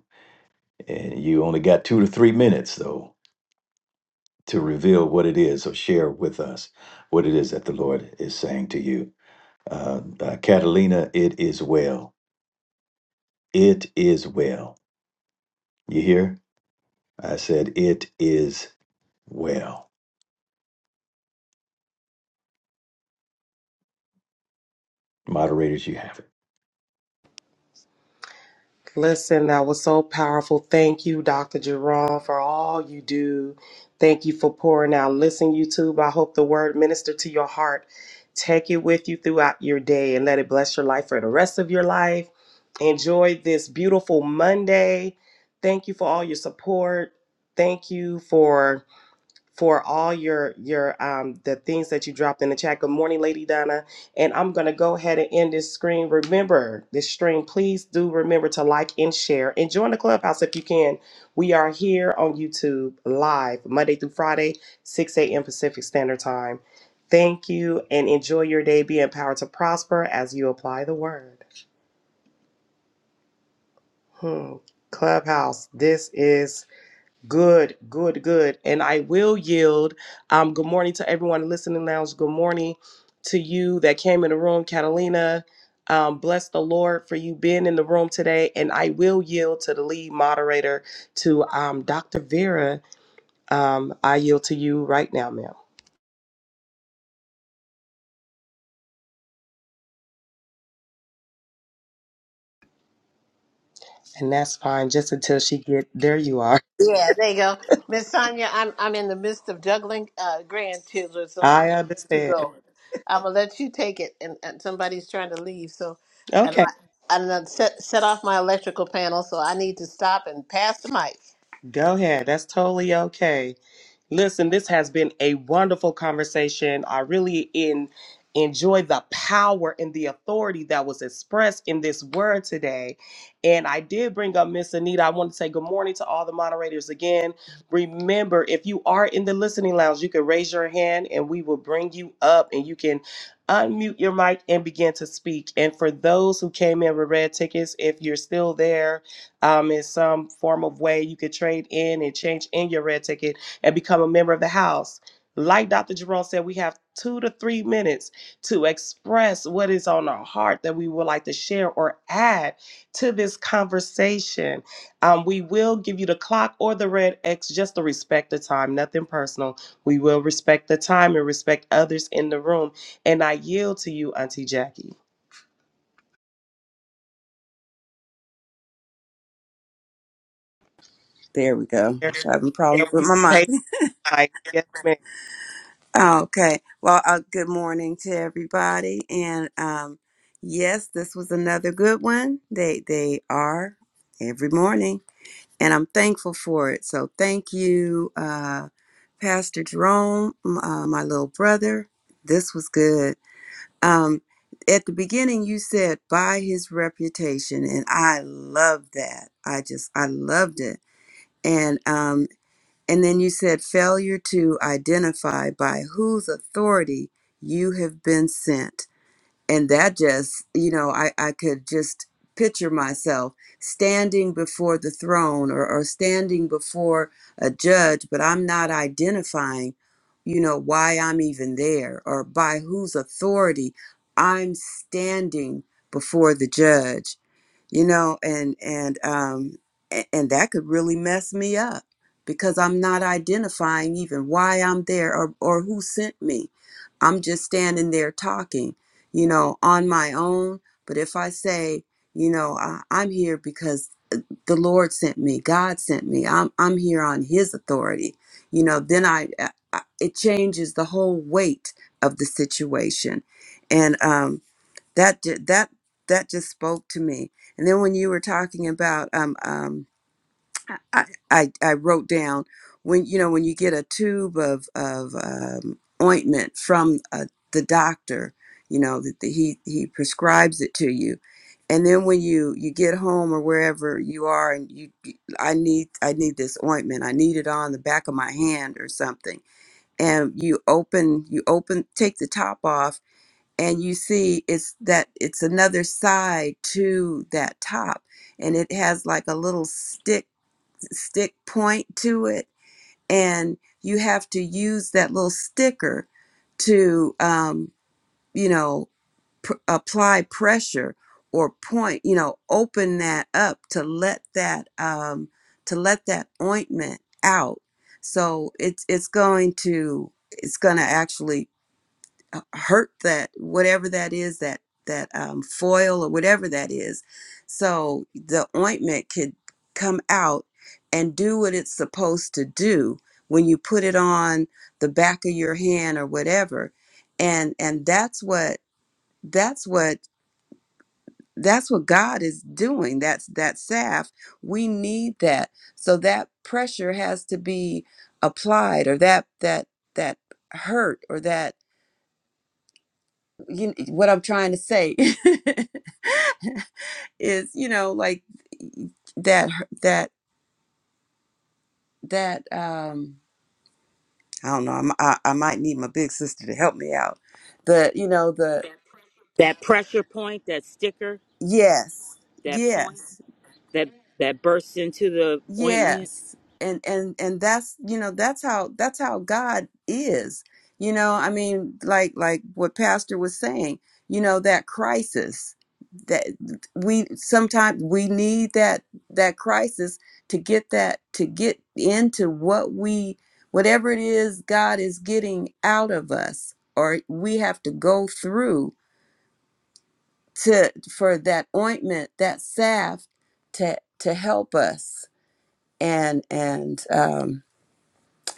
Speaker 3: and you only got two to three minutes though to reveal what it is or share with us what it is that the lord is saying to you uh, uh, catalina it is well it is well you hear i said it is well moderators you have it
Speaker 2: Listen, that was so powerful. Thank you, Dr. Jerome, for all you do. Thank you for pouring out. Listen, YouTube, I hope the word ministered to your heart. Take it with you throughout your day and let it bless your life for the rest of your life. Enjoy this beautiful Monday. Thank you for all your support. Thank you for for all your your um the things that you dropped in the chat. Good morning, Lady Donna. And I'm gonna go ahead and end this screen. Remember this stream. Please do remember to like and share and join the clubhouse if you can. We are here on YouTube live Monday through Friday, 6 a.m. Pacific Standard Time. Thank you and enjoy your day. Be empowered to prosper as you apply the word. Hmm. Clubhouse, this is Good, good, good. And I will yield. Um, good morning to everyone in listening lounge. Good morning to you that came in the room, Catalina. Um, bless the Lord for you being in the room today. And I will yield to the lead moderator, to um, Dr. Vera. Um, I yield to you right now, ma'am. And that's fine, just until she get there. You are.
Speaker 1: Yeah, there you go. Miss Sonia, I'm I'm in the midst of juggling uh, grandchildren, so I'm
Speaker 2: I
Speaker 1: gonna let you
Speaker 2: understand.
Speaker 1: go. I'm gonna let you take it, and, and somebody's trying to leave, so and
Speaker 2: Okay,
Speaker 1: I and I set set off my electrical panel, so I need to stop and pass the mic.
Speaker 2: go ahead. That's totally okay. Listen, this has been a wonderful conversation. I really in, enjoy the power and the authority that was expressed in this word today. And I did bring up Miss Anita. I want to say good morning to all the moderators again. Remember, if you are in the listening lounge, you can raise your hand and we will bring you up and you can unmute your mic and begin to speak. And for those who came in with red tickets, if you're still there um, in some form of way, you could trade in and change in your red ticket and become a member of the house. Like Dr. Jerome said, we have two to three minutes to express what is on our heart that we would like to share or add to this conversation. Um, we will give you the clock or the red X just to respect the time, nothing personal. We will respect the time and respect others in the room. And I yield to you, Auntie Jackie.
Speaker 4: There we go. I'm Having
Speaker 2: Yeah,
Speaker 4: problems
Speaker 2: we
Speaker 4: with
Speaker 2: be
Speaker 4: my
Speaker 2: patient,
Speaker 4: mic.
Speaker 2: like, yes, ma'am.
Speaker 4: Okay. Well, uh, good morning to everybody. And um, yes, this was another good one. They they are every morning, and I'm thankful for it. So thank you, uh, Pastor Jerome, m- uh, my little brother. This was good. Um, at the beginning, you said by his reputation, and I love that. I just I loved it. And um, And then you said failure to identify by whose authority you have been sent. And that just, you know, I, I could just picture myself standing before the throne or, or standing before a judge, but I'm not identifying, you know, why I'm even there or by whose authority I'm standing before the judge you know and and um a- and that could really mess me up because i'm not identifying even why i'm there or or who sent me i'm just standing there talking you know on my own but if i say you know I, i'm here because the lord sent me god sent me i'm i'm here on his authority you know then i, I I- it changes the whole weight of the situation and um that ju- that that just spoke to me. And then when you were talking about um um I I, I wrote down when you know when you get a tube of of um, ointment from uh, the doctor, you know that the, he he prescribes it to you. And then when you you get home or wherever you are and you you- I need I need this ointment. I need it on the back of my hand or something. And you open you open take the top off and you see it's that it's another side to that top and it has like a little stick stick point to it and you have to use that little sticker to um, you know pr- apply pressure or point you know open that up to let that um, to let that ointment out so it's it's going to it's going to actually uh, hurt that whatever that is that that um, foil or whatever that is so the ointment could come out and do what it's supposed to do when you put it on the back of your hand or whatever and and that's what that's what that's what God is doing that's that salve we need that so that pressure has to be applied or that that that hurt or that you, what I'm trying to say is, you know, like that, that, that, um, I don't know. I'm, I, I might need my big sister to help me out. But you know, the,
Speaker 5: That pressure point, that sticker,
Speaker 4: yes,
Speaker 5: that point
Speaker 4: yes,
Speaker 5: that that bursts into the ointment.
Speaker 4: Yes. And and and that's, you know, that's how that's how God is. You know, I mean, like like what pastor was saying, you know, that crisis that we sometimes we need that that crisis to get that to get into what we whatever it is God is getting out of us or we have to go through to for that ointment, that salve to to help us and and um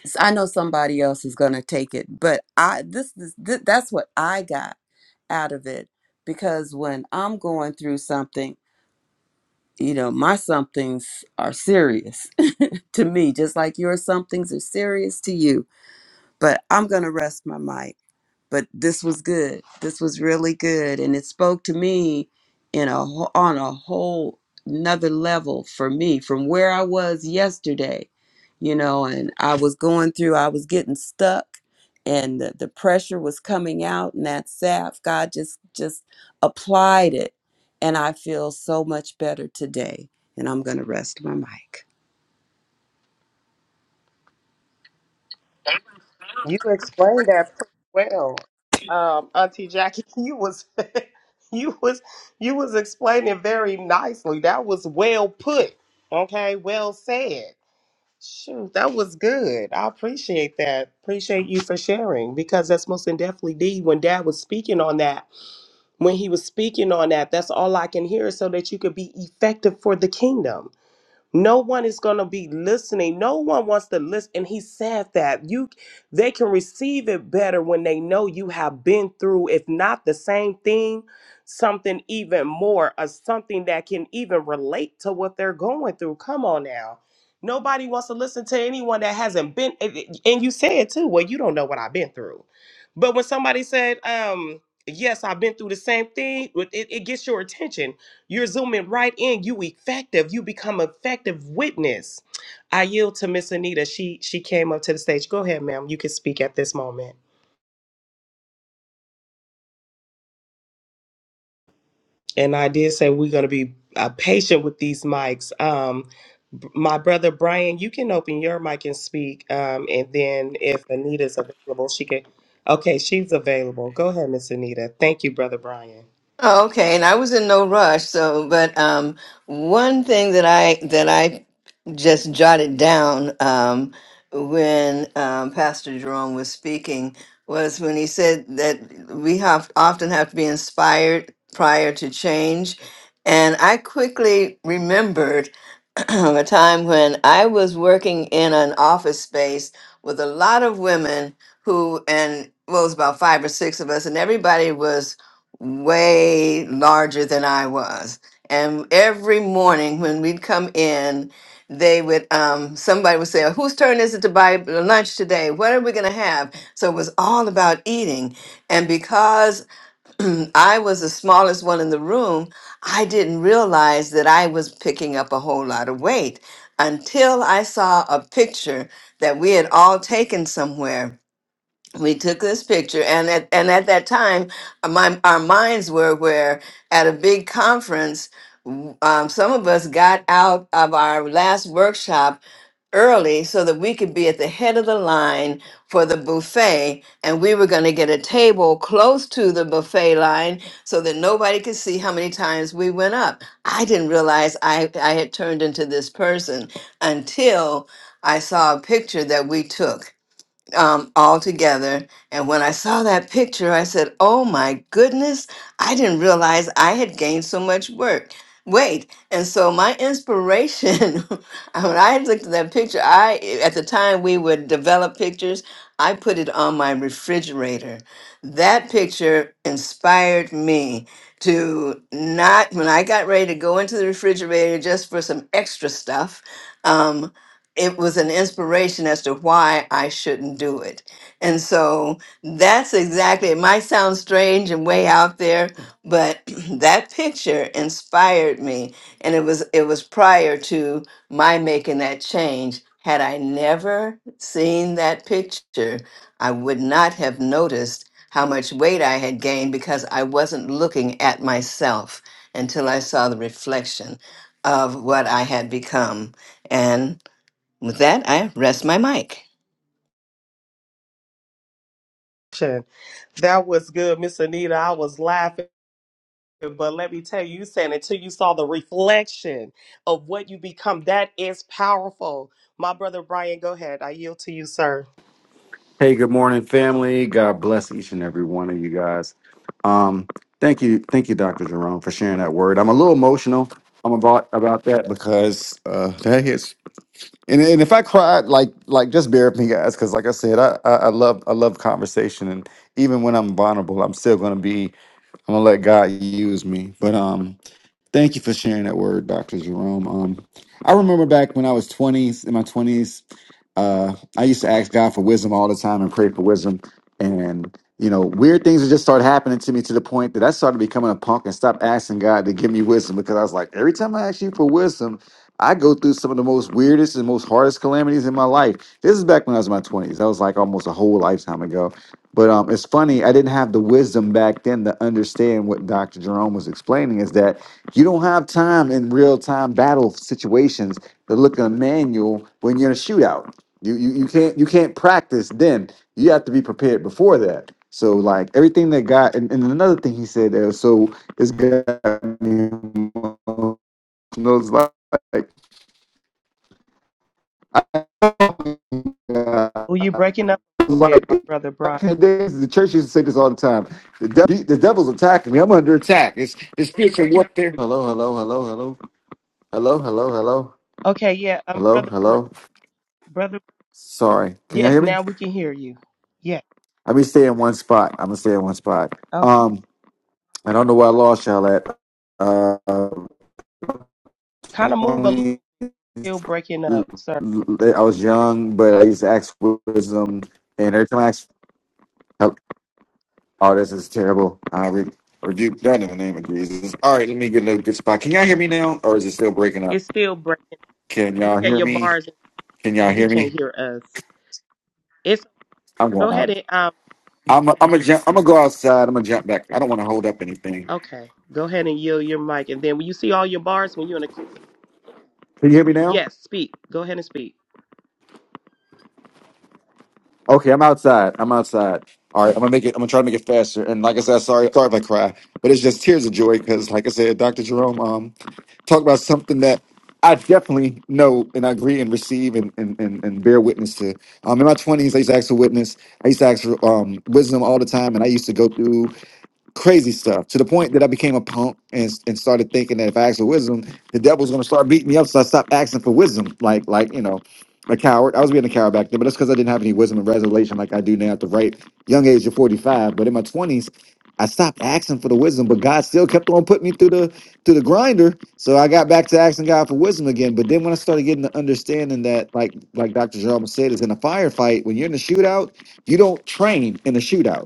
Speaker 4: s- i know somebody else is going to take it but i this is th- that's what i got out of it because when i'm going through something you know my somethings are serious to me just like your somethings are serious to you but i'm going to rest my mic but this was good. This was really good, and it spoke to me in a wh- on a whole another level for me from where I was yesterday, you know. And I was going through, I was getting stuck, and the, the pressure was coming out, and that sap, God just just applied it, and I feel so much better today. And I'm gonna rest my mic.
Speaker 2: You explained that pretty well, um, Auntie Jackie. You was you was you was explaining very nicely. That was well put. Okay, well said. Shoot, that was good. I appreciate that. Appreciate you for sharing because that's most definitely D. When Dad was speaking on that, when he was speaking on that, that's all I can hear so that you could be effective for the kingdom no one is going to be listening. No one wants to listen. And he said that you they can receive it better when they know you have been through if not the same thing, something even more or something that can even relate to what they're going through. Come on now. Nobody wants to listen to anyone that hasn't been and and you said too, well, you don't know what I've been through. But when somebody said, um, yes, I've been through the same thing, it, it gets your attention you're zooming right in. You effective. You become effective witness. I yield to Miss Anita. She she came up to the stage. Go ahead, ma'am. You can speak at this moment. And I did say we're gonna be uh, patient with these mics. Um, b- my brother Brian, you can open your mic and speak. Um, and then if Anita's available, she can. Okay, she's available. Go ahead, Miss Anita. Thank you, brother Brian.
Speaker 6: Oh, okay, and I was in no rush, so but um one thing that I that I just jotted down um when um Pastor Jerome was speaking was when he said that we have often have to be inspired prior to change. And I quickly remembered a time when I was working in an office space with a lot of women who, and well, it was about five or six of us, and everybody was way larger than I was. And every morning when we'd come in, they would, um, somebody would say, "Oh, Whose turn is it to buy lunch today? What are we going to have? So it was all about eating. And because I was the smallest one in the room. I didn't realize that I was picking up a whole lot of weight until I saw a picture that we had all taken somewhere we took this picture and at and at that time uh, my our minds were where at a big conference w- um, some of us got out of our last workshop early so that we could be at the head of the line for the buffet and we were going to get a table close to the buffet line so that nobody could see how many times we went up i didn't realize i, I had turned into this person until i saw a picture that we took um, all together. And when I saw that picture, I said, "Oh my goodness! I didn't realize I had gained so much work weight." And so my inspiration, when I looked at that picture, I at the time we would develop pictures. I put it on my refrigerator. That picture inspired me to not when I got ready to go into the refrigerator just for some extra stuff. um, it was an inspiration as to why I shouldn't do it. And so that's exactly, it might sound strange and way out there, but that picture inspired me. And it was, it was prior to my making that change. Had I never seen that picture, I would not have noticed how much weight I had gained because I wasn't looking at myself until I saw the reflection of what I had become. With that, I rest my mic.
Speaker 2: Sure. That was good, Miss Anita. I was laughing. But let me tell you, you said until you saw the reflection of what you become, that is powerful. My brother Brian, go ahead. I yield to you, sir.
Speaker 7: Hey, good morning, family. God bless each and every one of you guys. Um, thank you, thank you, Dr. Jerome, for sharing that word. I'm a little emotional. I'm about about that because uh, that hits. And, and if I cried, like like just bear with me, guys, because like I said, I, I I love I love conversation, and even when I'm vulnerable, I'm still gonna be. I'm gonna let God use me. But um, thank you for sharing that word, Dr. Jerome. Um, I remember back when I was 20s in my 20s. Uh, I used to ask God for wisdom all the time and pray for wisdom. And, you know, weird things would just start happening to me to the point that I started becoming a punk and stopped asking God to give me wisdom because I was like, every time I ask you for wisdom, I go through some of the most weirdest and most hardest calamities in my life. This is back when I was in my 20s. That was like almost a whole lifetime ago. But um, it's funny, I didn't have the wisdom back then to understand what Dr. Jerome was explaining is that you don't have time in real time battle situations to look at a manual when you're in a shootout you, you you can't you can't practice then. You have to be prepared before that. So like everything that God and, and another thing he said there. so it's got me knows like like
Speaker 2: Oh, you breaking up a little bit,
Speaker 7: like,
Speaker 2: my brother Brian.
Speaker 7: back in the days the church used to say this all the time. The devil, the devil's attacking me. I'm under attack. It's it's spiritual warfare. Hello, hello, hello, hello. Hello, hello, hello.
Speaker 2: Okay, yeah, um,
Speaker 7: Hello,
Speaker 2: brother, Br-
Speaker 7: hello.
Speaker 2: brother,
Speaker 7: Sorry. Can y'all
Speaker 2: yes,
Speaker 7: hear me?
Speaker 2: now we can hear you. Yeah,
Speaker 7: I'm gonna stay in one spot. I'm gonna stay in one spot.
Speaker 2: okay.
Speaker 7: Um. I don't know where I lost y'all at. Uh,
Speaker 2: Kind of move a little,
Speaker 7: 20,
Speaker 2: still breaking up, sir.
Speaker 7: I was young, but I used to ask for wisdom, and every time I asked, oh, oh, this is terrible. I re- rebuke that in the name of Jesus. All right, let me get in a good spot. Can y'all hear me now, or is it still breaking up?
Speaker 2: It's still breaking.
Speaker 7: Can
Speaker 2: Look
Speaker 7: y'all
Speaker 2: at
Speaker 7: hear
Speaker 2: your
Speaker 7: me?
Speaker 2: bars.
Speaker 7: Can
Speaker 2: Oh,
Speaker 7: y'all
Speaker 2: he
Speaker 7: hear
Speaker 2: can't
Speaker 7: me?
Speaker 2: hear us. It's
Speaker 7: I'm
Speaker 2: go
Speaker 7: going out.
Speaker 2: ahead and um,
Speaker 7: I'm a, I'm a jump, I'm gonna go outside. I'm gonna jump back. I don't want to hold up anything.
Speaker 2: okay, go ahead and yield your mic, and then when you see all your bars, when you're in a,
Speaker 7: Can you hear me now?
Speaker 2: yes, speak. Go ahead and speak.
Speaker 7: Okay, I'm outside. I'm outside. All right, I'm gonna make it. I'm gonna try to make it faster. And like I said, sorry, sorry if I cry, but it's just tears of joy because, like I said, Dr. Jerome um talked about something that I definitely know and I agree and receive and and, and, and bear witness to. Um, in my 20s, I used to ask for witness. I used to ask for um wisdom all the time, and I used to go through crazy stuff to the point that I became a punk and, and started thinking that if I asked for wisdom, the devil's going to start beating me up. So I stopped asking for wisdom, like like you know, a coward. I was being a coward back then, but that's because I didn't have any wisdom and revelation like I do now at the right young age of forty five. But in my twenties, I stopped asking for the wisdom, but God still kept on putting me through the through the grinder. So I got back to asking God for wisdom again. But then when I started getting the understanding that, like like Dr. Jerome said, is in a firefight when you're in a shootout, you don't train in a shootout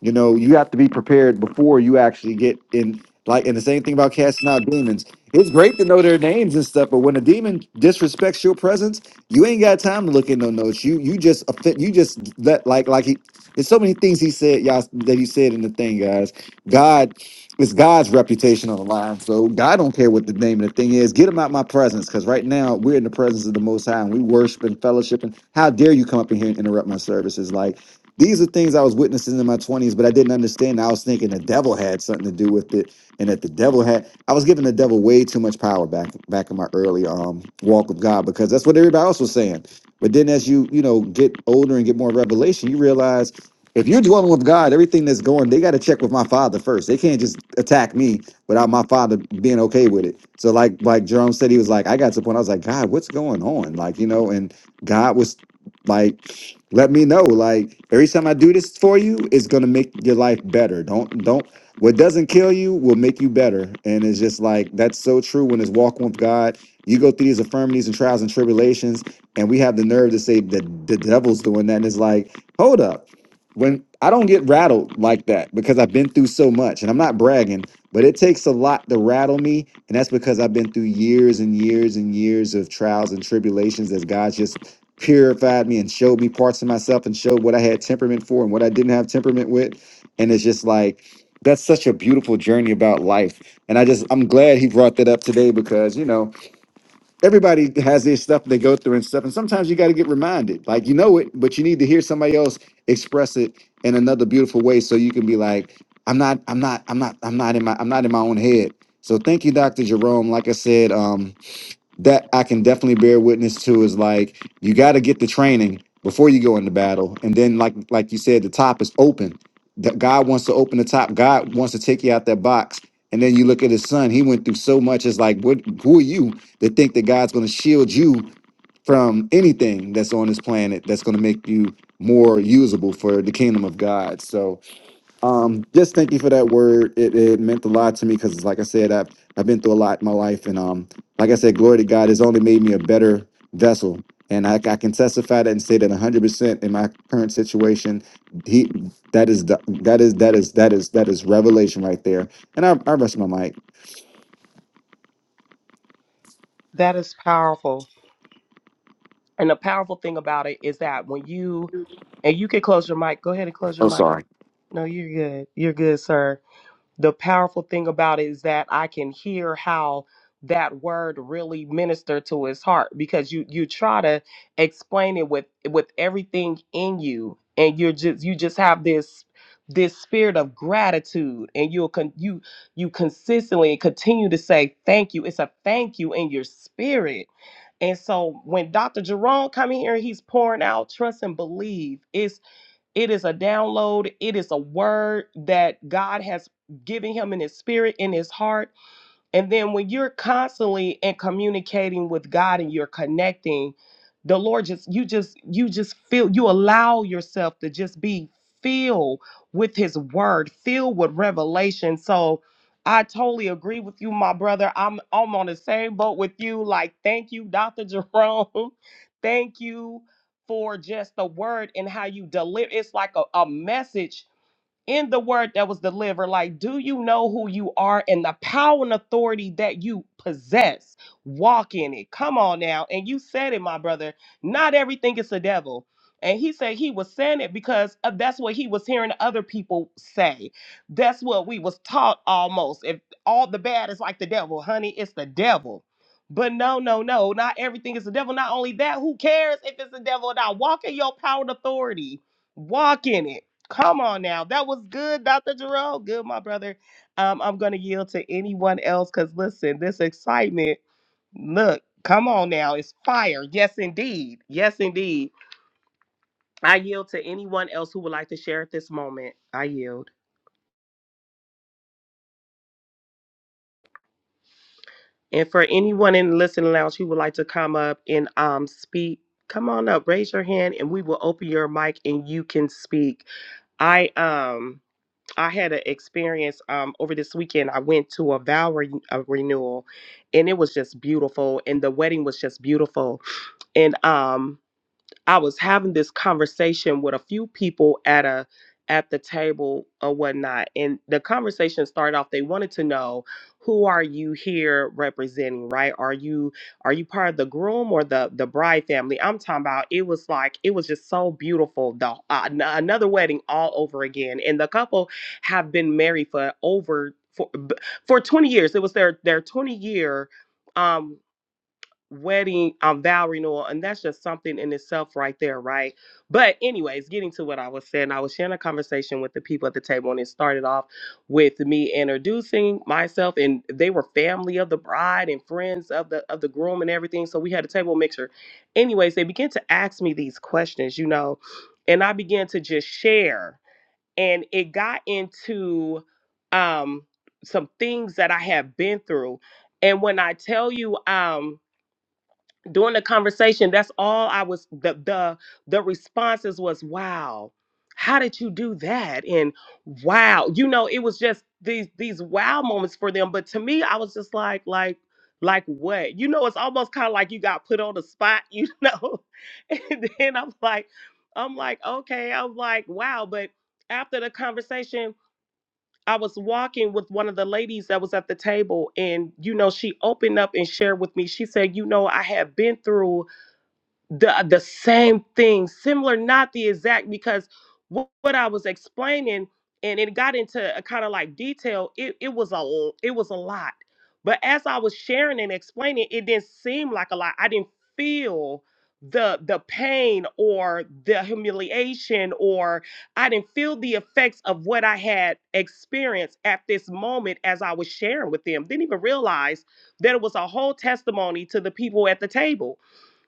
Speaker 7: you know, you have to be prepared before you actually get in. Like, and the same thing about casting out demons. It's great to know their names and stuff, but when a demon disrespects your presence, you ain't got time to look in no notes. You you just offend, you just let like like he. There's so many things he said, y'all, that he said in the thing, guys. God, it's God's reputation on the line, so God don't care what the name of the thing is. Get him out my presence, because right now we're in the presence of the Most High and we worship and fellowship. And how dare you come up in here and interrupt my services? Like these are things I was witnessing in my 20s, but I didn't understand. I was thinking the devil had something to do with it, and that the devil had I was giving the devil way too much power back back in my early um walk with God because that's what everybody else was saying. But then as you, you know, get older and get more revelation, you realize if you're dwelling with God, everything that's going, they got to check with my father first. They can't just attack me without my father being okay with it. So like like Jerome said, he was like, I got to the point, I was like, God, what's going on? Like, you know, and God was like, let me know. Like every time I do this for you, it's gonna make your life better. Don't don't what doesn't kill you will make you better. And it's just like that's so true when it's walking with God. You go through these infirmities and trials and tribulations, and we have the nerve to say that the devil's doing that. And it's like, hold up. When I don't get rattled like that because I've been through so much, and I'm not bragging, but it takes a lot to rattle me. And that's because I've been through years and years and years of trials and tribulations as God's just purified me and showed me parts of myself and showed what I had temperament for and what I didn't have temperament with. And it's just like that's such a beautiful journey about life. And I just I'm glad he brought that up today because you know everybody has their stuff they go through and stuff. And sometimes you got to get reminded. Like you know it, but you need to hear somebody else express it in another beautiful way so you can be like, I'm not, I'm not, I'm not, I'm not in my I'm not in my own head. So thank you, Dr. Jerome. Like I said, um, that I can definitely bear witness to is like you got to get the training before you go into battle, and then like like you said, the top is open. That God wants to open the top. God wants to take you out that box, and then you look at His Son. He went through so much. It's like what? Who are you to think that God's going to shield you from anything that's on this planet that's going to make you more usable for the kingdom of God? So um, just thank you for that word. It, it meant a lot to me because, like I said, I've I've been through a lot in my life, and um, like I said, glory to God has only made me a better vessel, and I, I can testify that and say that 100 percent in my current situation, he that is the- that is that is that is that is revelation right there. And I I rest my mic.
Speaker 2: That is powerful. And the powerful thing about it is that when you and you can close your mic, go ahead and close your mic. No, you're good. You're good, sir. The powerful thing about it is that I can hear how that word really ministered to his heart because you you try to explain it with with everything in you and you're just you just have this this spirit of gratitude and you'll con- you you consistently continue to say thank you it's a thank you in your spirit and so when Dr. Jerome come in here, he's pouring out trust and believe. It's it is a download. It is a word that God has given him in his spirit, in his heart and then when you're constantly in communicating with God and you're connecting, the Lord just you just you just feel you allow yourself to just be filled with his word, filled with revelation. So I totally agree with you, my brother. I'm I'm on the same boat with you. Like, thank you, Dr. Jerome. thank you for just the word and how you deliver. It's like a, a message in the word that was delivered like do you know who you are and the power and authority that you possess walk in it come on now and you said it my brother not everything is the devil and he said he was saying it because of- that's what he was hearing other people say that's what we was taught almost if all the bad is like the devil honey it's the devil but no, no, no, not everything is the devil. Not only that, who cares if it's the devil or not? Walk in your power and authority. Walk in it Come on now. That was good, Dr. Jerome. Good, my brother. Um, I'm going to yield to anyone else because listen, this excitement, look, come on now. It's fire. Yes, indeed. Yes, indeed. I yield to anyone else who would like to share at this moment. I yield. And for anyone in the listening lounge who would like to come up and um, speak, come on up, raise your hand, and we will open your mic and you can speak. I um I had an experience um, over this weekend. I went to a vow re- a renewal, and it was just beautiful, and the wedding was just beautiful. And um, I was having this conversation with a few people at a at the table or whatnot, and the conversation started off. They wanted to know who are you here representing, right? Are you are you part of the groom or the the bride family? I'm talking about. It was like it was just so beautiful. The uh, an- another wedding all over again, and the couple have been married for over for b- for 20 years. It was their their 20 year. Um, wedding um vow renewal and that's just something in itself right there right but anyways getting to what i was saying i was sharing a conversation with the people at the table and it started off with me introducing myself and they were family of the bride and friends of the of the groom and everything so we had a table mixture anyways they began to ask me these questions you know and i began to just share and it got into um some things that i have been through and when i tell you um during the conversation that's all i was the the the responses was wow how did you do that and wow you know it was just these these wow moments for them but to me i was just like like like what you know it's almost kind of like you got put on the spot you know and then i'm like i'm like okay i'm like wow but after the conversation i was walking with one of the ladies that was at the table and you know she opened up and shared with me she said you know i have been through the the same thing similar not the exact because wh- what i was explaining and it got into a kind of like detail it, it was a l- it was a lot but as i was sharing and explaining it didn't seem like a lot i didn't feel the the pain or the humiliation or i didn't feel the effects of what i had experienced at this moment as i was sharing with them didn't even realize that it was a whole testimony to the people at the table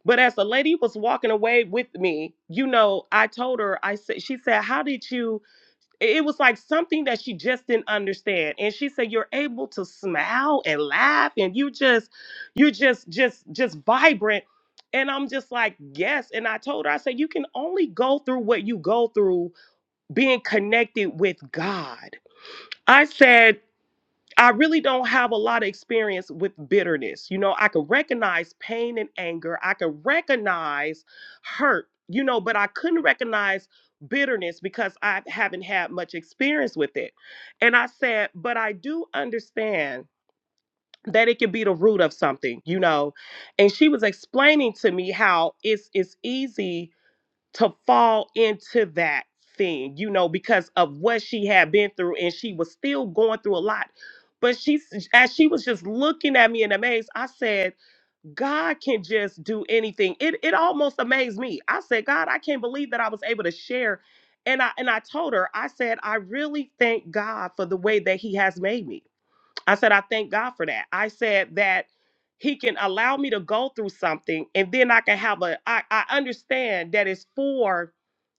Speaker 2: but as the lady was walking away with me, you know, I told her, I said, she said, How did you? It it was like something that she just didn't understand. And she said, You're able to smile and laugh and you just, you're just, just, just vibrant. And I'm just like, Yes. And I told her, I said, You can only go through what you go through being connected with God. I said, I really don't have a lot of experience with bitterness. You know, I can recognize pain and anger, I can recognize hurt, you know, but I couldn't recognize bitterness because I haven't had much experience with it. And I said, but I do understand that it could be the root of something, you know. And she was explaining to me how it's it's easy to fall into that thing, you know, because of what she had been through and she was still going through a lot. But she s- as she was just looking at me in amaze, I said, God can just do anything. It it almost amazed me. I said, God, I can't believe that I was able to share. And I and I told her, I said, I really thank God for the way that He has made me. I said, I thank God for that. I said that He can allow me to go through something and then I can have a, I, I understand that it's for,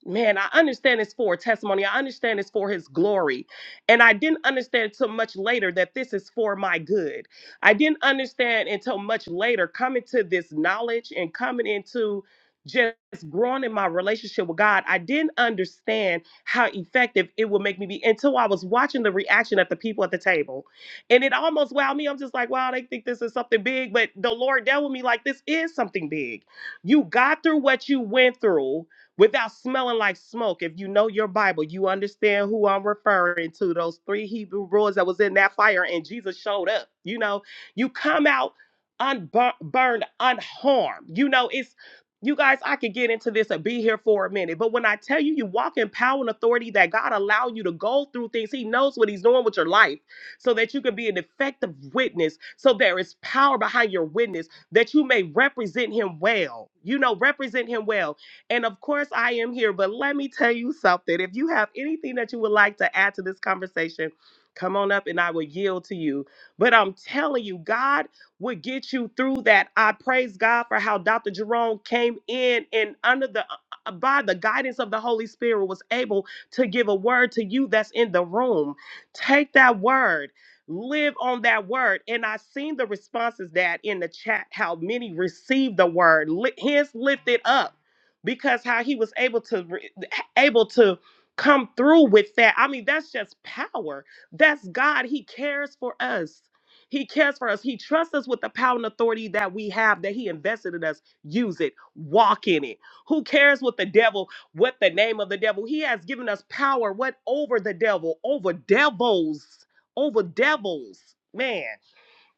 Speaker 2: man, I understand it's for testimony. I understand it's for His glory. And I didn't understand until much later that this is for my good. I didn't understand until much later coming to this knowledge and coming into just growing in my relationship with God, I didn't understand how effective it would make me be until I was watching the reaction of the people at the table and it almost wowed me. I'm just like, wow, they think this is something big. But the Lord dealt with me like this is something big. You got through what you went through without smelling like smoke. If you know your Bible, you understand who I'm referring to. Those three Hebrew boys that was in that fire and Jesus showed up. You know, you come out unburned, unharmed. You know, it's you guys, I could get into this and be here for a minute, but when I tell you, you walk in power and authority that God allow you to go through things, He knows what He's doing with your life so that you can be an effective witness, so there is power behind your witness, that you may represent him well. You know, represent him well. And of course, I am here, but let me tell you something. If you have anything that you would like to add to this conversation, come on up and I will yield to you. But I'm telling you, God would get you through that. I praise God for how Dr. Jerome came in and under the uh, uh, by the guidance of the Holy Spirit was able to give a word to you that's in the room. Take that word, live on that word. And I seen the responses that in the chat, how many received the word, li- hence lifted up, because how he was able to re- able to come through with that. I mean, that's just power. That's God. He cares for us. He cares for us. He trusts us with the power and authority that we have that He invested in us. Use it. Walk in it. Who cares what the devil what the name of the devil. He has given us power, what over the devil, over devils, over devils. Man,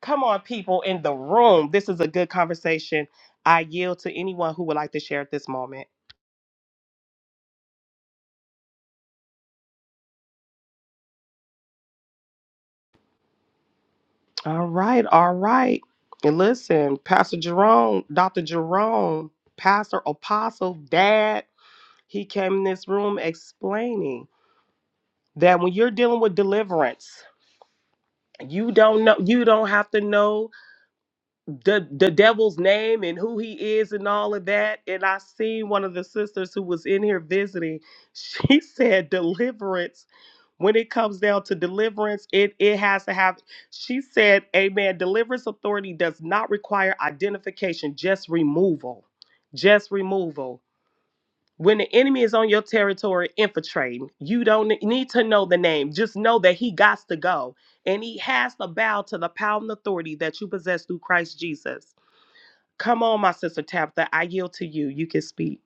Speaker 2: come on, people in the room. This is a good conversation. I yield to anyone who would like to share at this moment. All right, all right. And listen, Pastor Jerome, Dr. Jerome, Pastor Apostle, Dad, he came in this room explaining that when you're dealing with deliverance, you don't know, you don't have to know the the devil's name and who he is and all of that. And I seen one of the sisters who was in here visiting. She said deliverance. When it comes down to deliverance, it it has to have. She said, "Amen." Deliverance authority does not require identification, just removal, just removal. When the enemy is on your territory infiltrating, you don't need to know the name. Just know that he got to go, and he has to bow to the power and authority that you possess through Christ Jesus. Come on, my sister Tabitha. I yield to you. You can speak.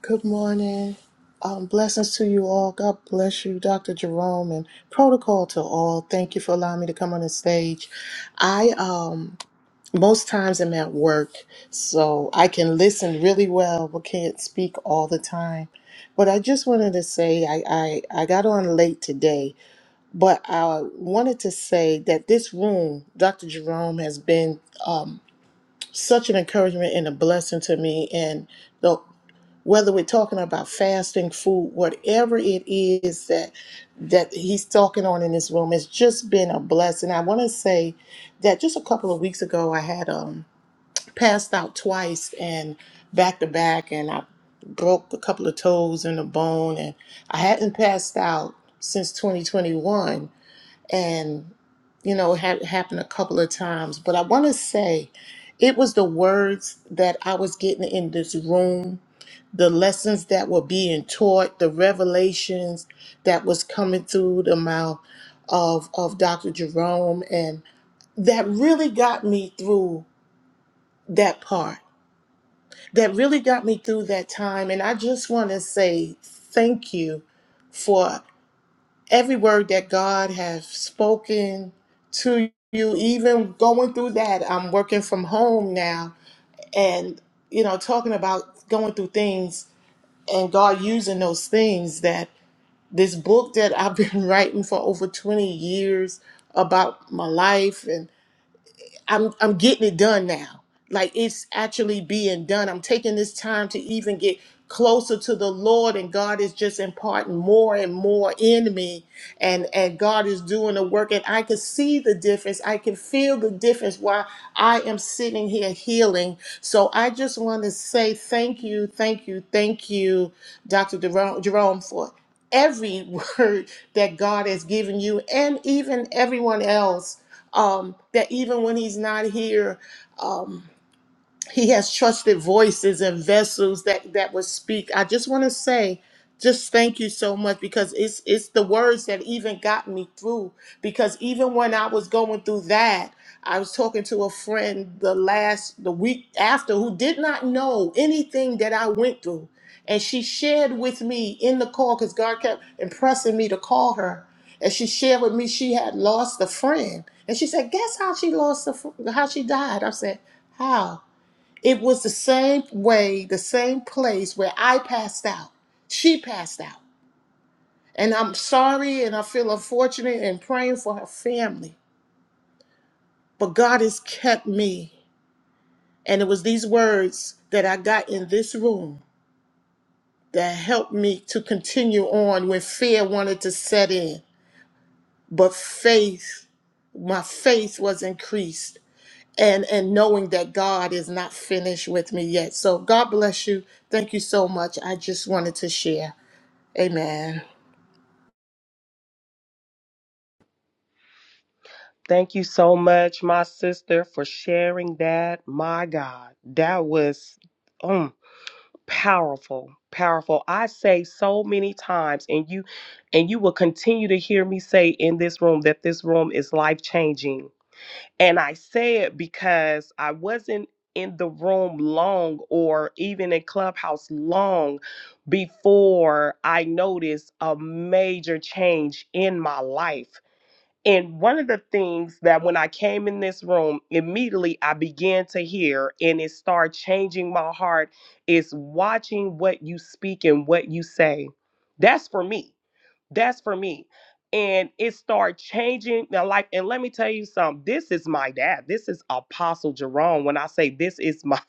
Speaker 8: Good morning. Um, blessings to you all. God bless you, Dr. Jerome, and protocol to all. Thank you for allowing me to come on the stage. I um, most times am at work, so I can listen really well, but can't speak all the time. But I just wanted to say I, I, I got on late today, but I wanted to say that this room, Dr. Jerome, has been um, such an encouragement and a blessing to me, and whether we're talking about fasting food whatever it is that that he's talking on in this room it's just been a blessing i want to say that just a couple of weeks ago i had um passed out twice and back to back and i broke a couple of toes and a bone and i hadn't passed out since 2021 and you know it had happened a couple of times but i want to say it was the words that i was getting in this room the lessons that were being taught, the revelations that was coming through the mouth of of Dr. Jerome and that really got me through that part. That really got me through that time and I just want to say thank you for every word that God has spoken to you even going through that. I'm working from home now and you know talking about going through things and God using those things that this book that I've been writing for over 20 years about my life and I'm I'm getting it done now. Like it's actually being done. I'm taking this time to even get closer to the Lord and God is just imparting more and more in me and and God is doing the work and I can see the difference. I can feel the difference while I am sitting here healing. So I just want to say thank you, thank you, thank you Dr. Jerome Jerome, for every word that God has given you and even everyone else um, that even when he's not here, um, he has trusted voices and vessels that that will speak i just want to say just thank you so much because it's it's the words that even got me through because even when i was going through that i was talking to a friend the last the week after who did not know anything that i went through and she shared with me in the call because god kept impressing me to call her and she shared with me she had lost a friend and she said guess how she lost a fr- how she died i said how it was the same way, the same place where I passed out. She passed out. And I'm sorry and I feel unfortunate and praying for her family. But God has kept me. And it was these words that I got in this room that helped me to continue on when fear wanted to set in. But faith, my faith was increased. And, and knowing that God is not finished with me yet. So God bless you. Thank you so much. I just wanted to share. Amen.
Speaker 2: Thank you so much, my sister, for sharing that. My God, that was um powerful, powerful. I say so many times, and you and you will continue to hear me say in this room that this room is life changing And I say it because I wasn't in the room long or even in Clubhouse long before I noticed a major change in my life. And one of the things that when I came in this room, immediately I began to hear and it started changing my heart is watching what you speak and what you say. That's for me that's for me. And it started changing my life. And let me tell you something. This is my dad. This is Apostle Jerome. When I say this is my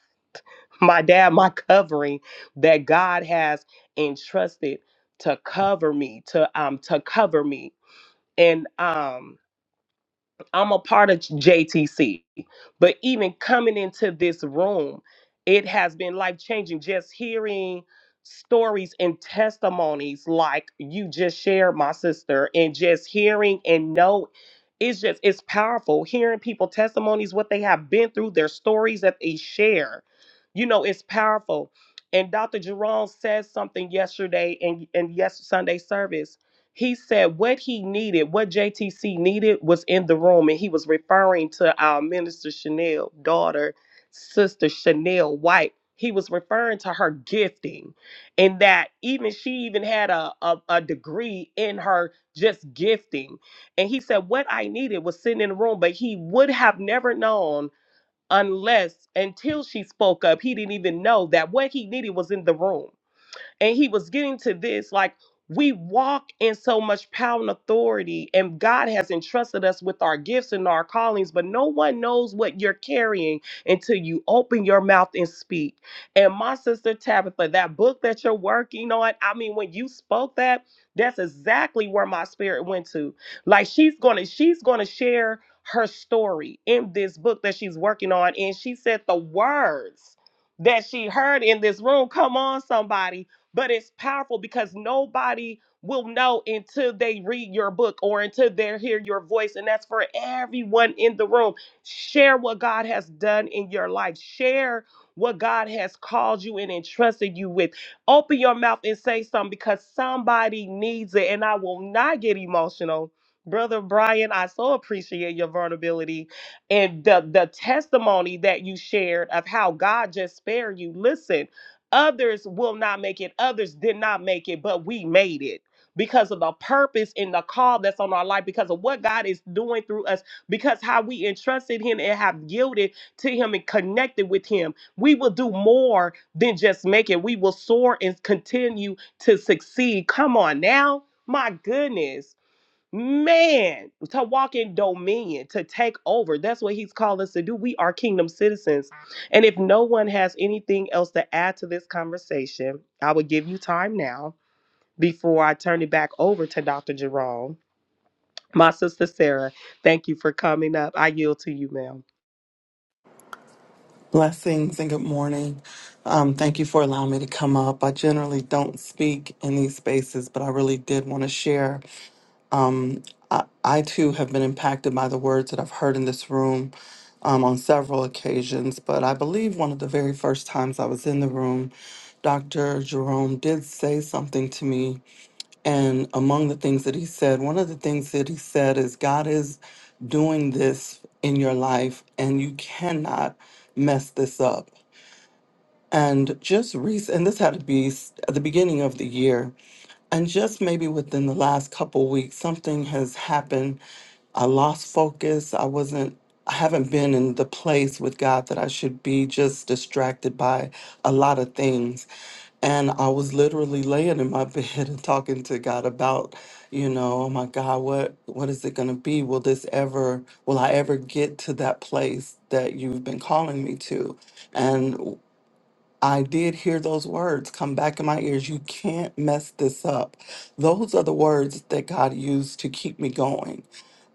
Speaker 2: my dad, my covering that God has entrusted to cover me, to um to cover me. And um I'm a part of JTC. But even coming into this room, it has been life changing just hearing stories and testimonies like you just shared, my sister, and just hearing and know it's just it's powerful hearing people testimonies what they have been through their stories that they share you know it's powerful and dr jerome said something yesterday in, in yes sunday service he said what he needed, what JTC needed was in the room, and he was referring to our minister Chanel daughter, sister Chanel White. He was referring to her gifting, and that even she even had a, a, a degree in her just gifting. And he said, What I needed was sitting in the room, but he would have never known unless until she spoke up, he didn't even know that what he needed was in the room and he was getting to this like, we walk in so much power and authority, and God has entrusted us with our gifts and our callings, but no one knows what you're carrying until you open your mouth and speak. And my sister Tabitha, that book that you're working on, I mean, when you spoke that, that's exactly where my spirit went to. Like she's gonna, she's gonna share her story in this book that she's working on. And she said the words that she heard in this room. Come on, somebody but it's powerful because nobody will know until they read your book or until they hear your voice. And that's for everyone in the room. Share what God has done in your life. Share what God has called you and entrusted you with. Open your mouth and say something because somebody needs it. And I will not get emotional. Brother Brian, I so appreciate your vulnerability and the, the testimony that you shared of how God just spared you. Listen Others will not make it. Others did not make it, but we made it because of the purpose and the call that's on our life, because of what God is doing through us, because how we entrusted Him and have yielded to Him and connected with Him. We will do more than just make it. We will soar and continue to succeed. Come on now. My goodness Man, to walk in dominion, to take over. That's what he's called us to do. We are kingdom citizens. And if no one has anything else to add to this conversation, I will give you time now before I turn it back over to Dr. Jerome. My sister Sarah, thank you for coming up. I yield to you, ma'am.
Speaker 9: Blessings and good morning. Um, thank you for allowing me to come up. I generally don't speak in these spaces, but I really did want to share. I, I too have been impacted by the words that I've heard in this room um, on several occasions, but I believe one of the very first times I was in the room, Dr. Jerome did say something to me. And among the things that he said, one of the things that he said is, God is doing this in your life, and you cannot mess this up and just recent and this had to be s- at the beginning of the year and just maybe within the last couple weeks something has happened i lost focus i wasn't i haven't been in the place with god that i should be just distracted by a lot of things and i was literally laying in my bed and talking to god about you know oh my god what what is it going to be will this ever will i ever get to that place that you've been calling me to And I did hear those words come back in my ears. You can't mess this up. Those are the words that God used to keep me going.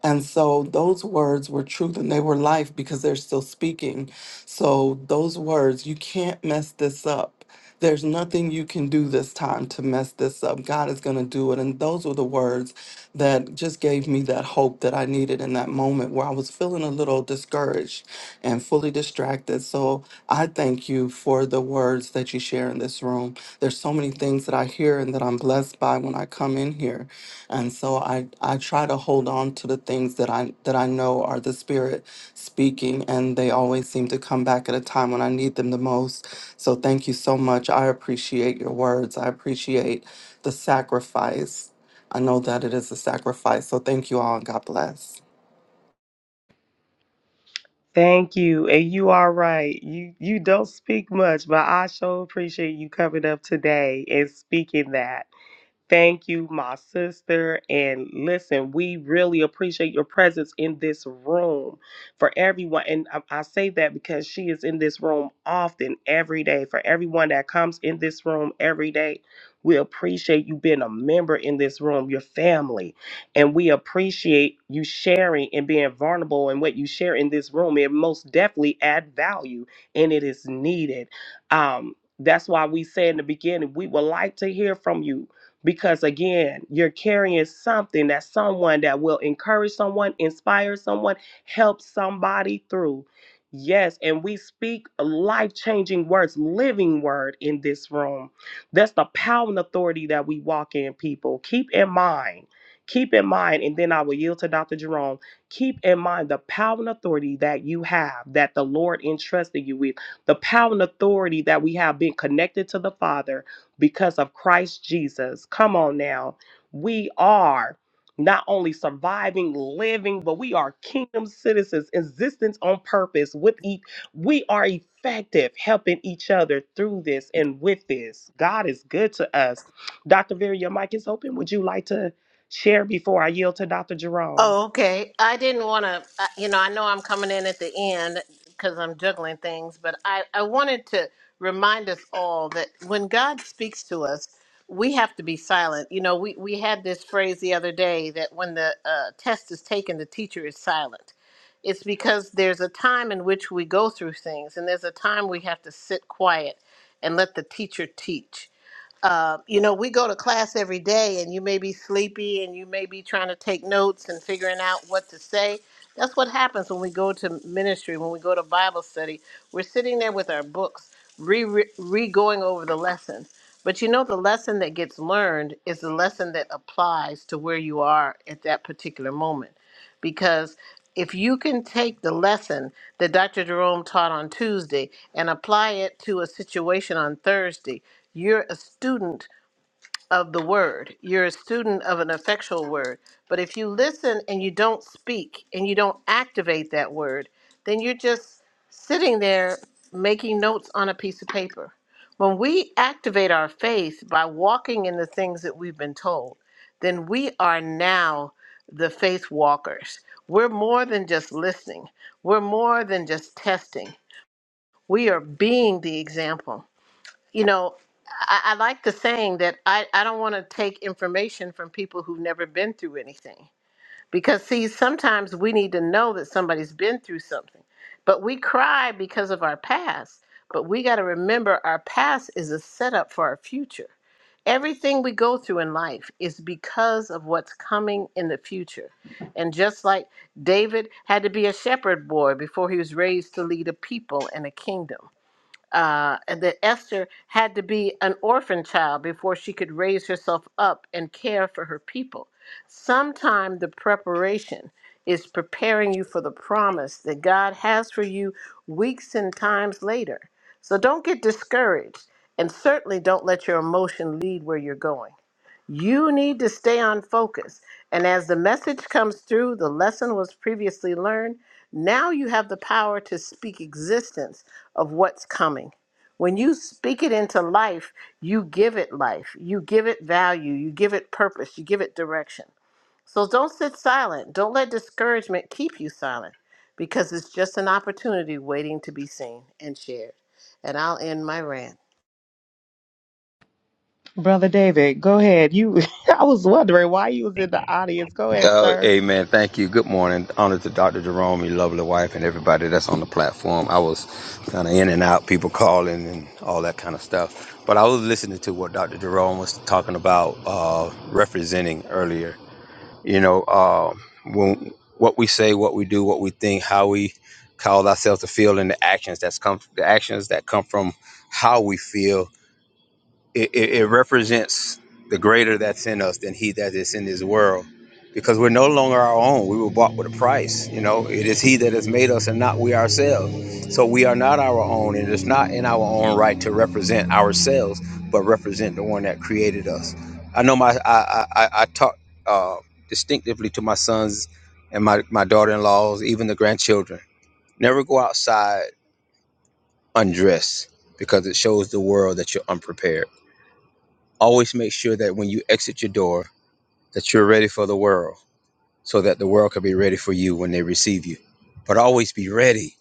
Speaker 9: And so those words were truth and they were life because they're still speaking. So those words, you can't mess this up. There's nothing you can do this time to mess this up. God is going to do it. And those were the words that just gave me that hope that I needed in that moment where I was feeling a little discouraged and fully distracted. So I thank you for the words that you share in this room. There's so many things that I hear and that I'm blessed by when I come in here and so I I try to hold on to the things that I that I know are the Spirit speaking, and they always seem to come back at a time when I need them the most. So thank you so much. I appreciate your words. I appreciate the sacrifice. I know that it is a sacrifice. So thank you all, and God bless.
Speaker 2: Thank you. And you are right. You you don't speak much, but I sure appreciate you coming up today and speaking that. Thank you, my sister. And listen, we really appreciate your presence in this room for everyone. And I, I say that because she is in this room often, every day. For everyone that comes in this room every day, we appreciate you being a member in this room, your family. And we appreciate you sharing and being vulnerable and what you share in this room. It most definitely add value and it is needed. Um, that's why we say in the beginning, we would like to hear from you because again you're carrying something that someone that will encourage someone inspire someone help somebody through yes and we speak life-changing words living word in this room that's the power and authority that we walk in people keep in mind keep in mind and then i will yield to dr jerome keep in mind the power and authority that you have that the lord entrusted you with the power and authority that we have been connected to the father because of Christ Jesus. Come on now. We are not only surviving, living, but we are kingdom citizens, existence on purpose. With each, we are effective helping each other through this and with this. God is good to us. Dr. Vera, your mic is open. Would you like to share before I yield to Dr. Jerome?
Speaker 1: Oh, okay. I didn't want to, you know, I know I'm coming in at the end because I'm juggling things, but I, I wanted to remind us all that when God speaks to us, we have to be silent. You know, we, we had this phrase the other day that when the uh, test is taken, the teacher is silent. It's because there's a time in which we go through things, and there's a time we have to sit quiet and let the teacher teach uh, you know, we go to class every day and you may be sleepy and you may be trying to take notes and figuring out what to say. That's what happens when we go to ministry, when we go to Bible study. We're sitting there with our books, re, re, re going over the lesson. But you know, the lesson that gets learned is the lesson that applies to where you are at that particular moment because if you can take the lesson that Dr. Jerome taught on Tuesday and apply it to a situation on Thursday, you're a student of the word. You're a student of an effectual word. But if you listen and you don't speak and you don't activate that word, then you're just sitting there making notes on a piece of paper. When we activate our faith by walking in the things that we've been told, then we are now the faith walkers. We're more than just listening, we're more than just testing. We are being the example you know, I, I like the saying that I, I don't want to take information from people who've never been through anything. Because, see, sometimes we need to know that somebody's been through something. But we cry because of our past. But we got to remember our past is a setup for our future. Everything we go through in life is because of what's coming in the future. And just like David had to be a shepherd boy before he was raised to lead a people and a kingdom uh, and that Esther had to be an orphan child before she could raise herself up and care for her people. Sometime the preparation is preparing you for the promise that God has for you weeks and times later. So don't get discouraged, and certainly don't let your emotion lead where you're going. You need to stay on focus. And as the message comes through, the lesson was previously learned. Now you have the power to speak existence of what's coming. When you speak it into life, you give it life, you give it value, you give it purpose, you give it direction. So don't sit silent. Don't let discouragement keep you silent because it's just an opportunity waiting to be seen and shared. And I'll end my rant.
Speaker 2: Brother David, go ahead. You I was wondering why you was in the audience. Go ahead,
Speaker 10: Oh,
Speaker 2: sir.
Speaker 10: amen. Thank you. Good morning. Honor to Dr. Jerome, your lovely wife, and everybody that's on the platform. I was kind of in and out, people calling and all that kind of stuff. But I was listening to what Dr. Jerome was talking about uh, representing earlier. You know, uh, when, what we say, what we do, what we think, how we cause ourselves to feel, and the actions that's come, the actions that come from how we feel it, it, it represents the greater that's in us than he that is in this world because we're no longer our own we were bought with a price you know it is he that has made us and not we ourselves so we are not our own and it's not in our own right to represent ourselves but represent the one that created us i know my i i, I I talk uh, distinctively to my sons and my, my daughter-in-laws even the grandchildren never go outside undressed because it shows the world that you're unprepared Always make sure that when you exit your door, that you're ready for the world so that the world can be ready for you when they receive you. But always be ready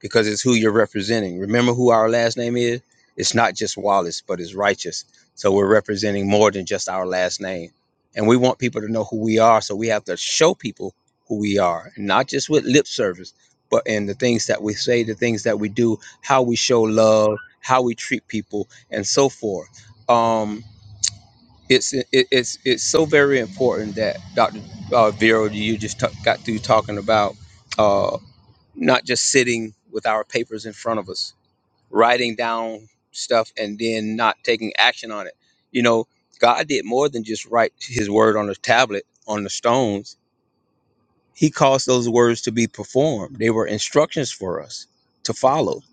Speaker 10: because it's who you're representing. Remember who our last name is? It's not just Wallace, but it's righteous. So we're representing more than just our last name. And we want people to know who we are. So we have to show people who we are, not just with lip service, but in the things that we say, the things that we do, how we show love, how we treat people, and so forth. Um, it's it, it's it's so very important that Dr. Uh, Vero, you just t- got through talking about uh, not just sitting with our papers in front of us, writing down stuff, and then not taking action on it. You know, God did more than just write His word on a tablet on the stones. He caused those words to be performed. They were instructions for us to follow,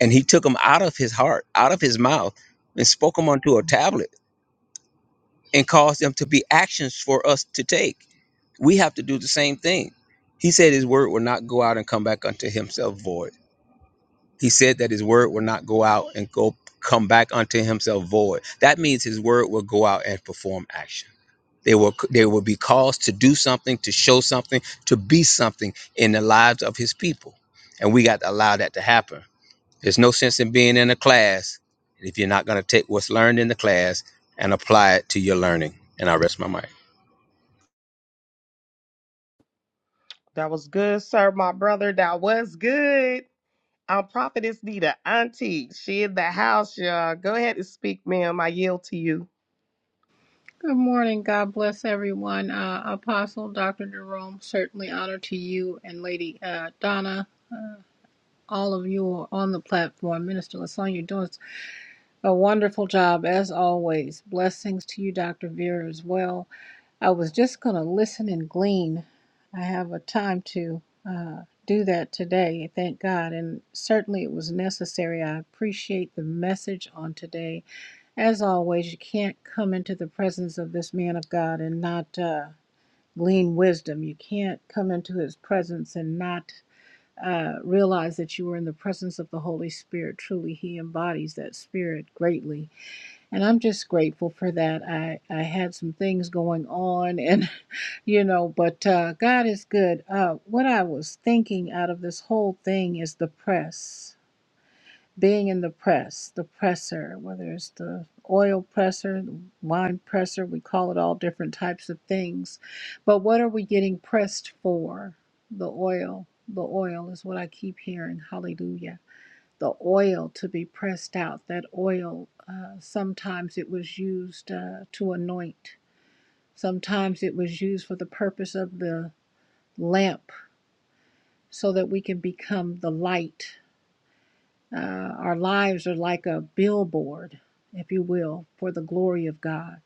Speaker 10: and He took them out of His heart, out of His mouth, and spoke them onto a tablet, and caused them to be actions for us to take we have to do the same thing. He said his word will not go out and come back unto himself void. He said that his word will not go out and go come back unto himself void. That means his word will go out and perform action. They will they will be caused to do something, to show something, to be something in the lives of his people. And we got to allow that to happen. There's no sense in being in a class if you're not going to take what's learned in the class and apply it to your learning. And I rest my mic.
Speaker 2: That was good, sir, my brother. That was good. Our prophetess Nita, Auntie, she in the house, y'all. Go ahead and speak, ma'am. I yield to you.
Speaker 11: Good morning. God bless everyone. Uh, Apostle Dr. Jerome, certainly honor to you and Lady uh, Donna. All of you are on the platform. Minister Lasonia, you're doing a wonderful job as always. Blessings to you, Dr. Vera, as well. I was just going to listen and glean. I have a time to uh, do that today, thank God. And certainly it was necessary. I appreciate the message on today as always, you can't come into the presence of this man of God and not uh, glean wisdom. You can't come into his presence and not uh, realize that you were in the presence of the Holy Spirit. Truly, he embodies that spirit greatly. And I'm just grateful for that. I, I had some things going on, and, you know, but uh, God is good. Uh, what I was thinking out of this whole thing is the press being in the press, the presser, whether it's the oil presser, the wine presser, we call it all different types of things. But what are we getting pressed for? The oil. The oil is what I keep hearing. Hallelujah. The oil to be pressed out. That oil, uh, sometimes it was used uh, to anoint, sometimes it was used for the purpose of the lamp so that we can become the light Uh, our lives are like a billboard, if you will, for the glory of God.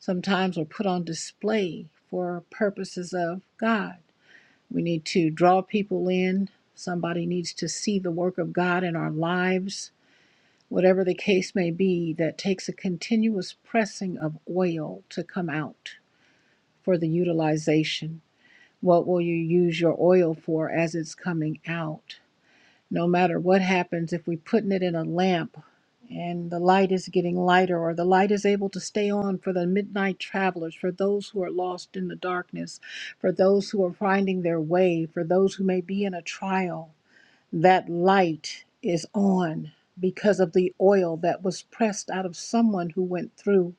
Speaker 11: Sometimes we're put on display for purposes of God. We need to draw people in. Somebody needs to see the work of God in our lives. Whatever the case may be, that takes a continuous pressing of oil to come out for the utilization. What will you use your oil for as it's coming out? no matter what happens, if we're putting it in a lamp and the light is getting lighter or the light is able to stay on for the midnight travelers, for those who are lost in the darkness, for those who are finding their way, for those who may be in a trial, that light is on because of the oil that was pressed out of someone who went through,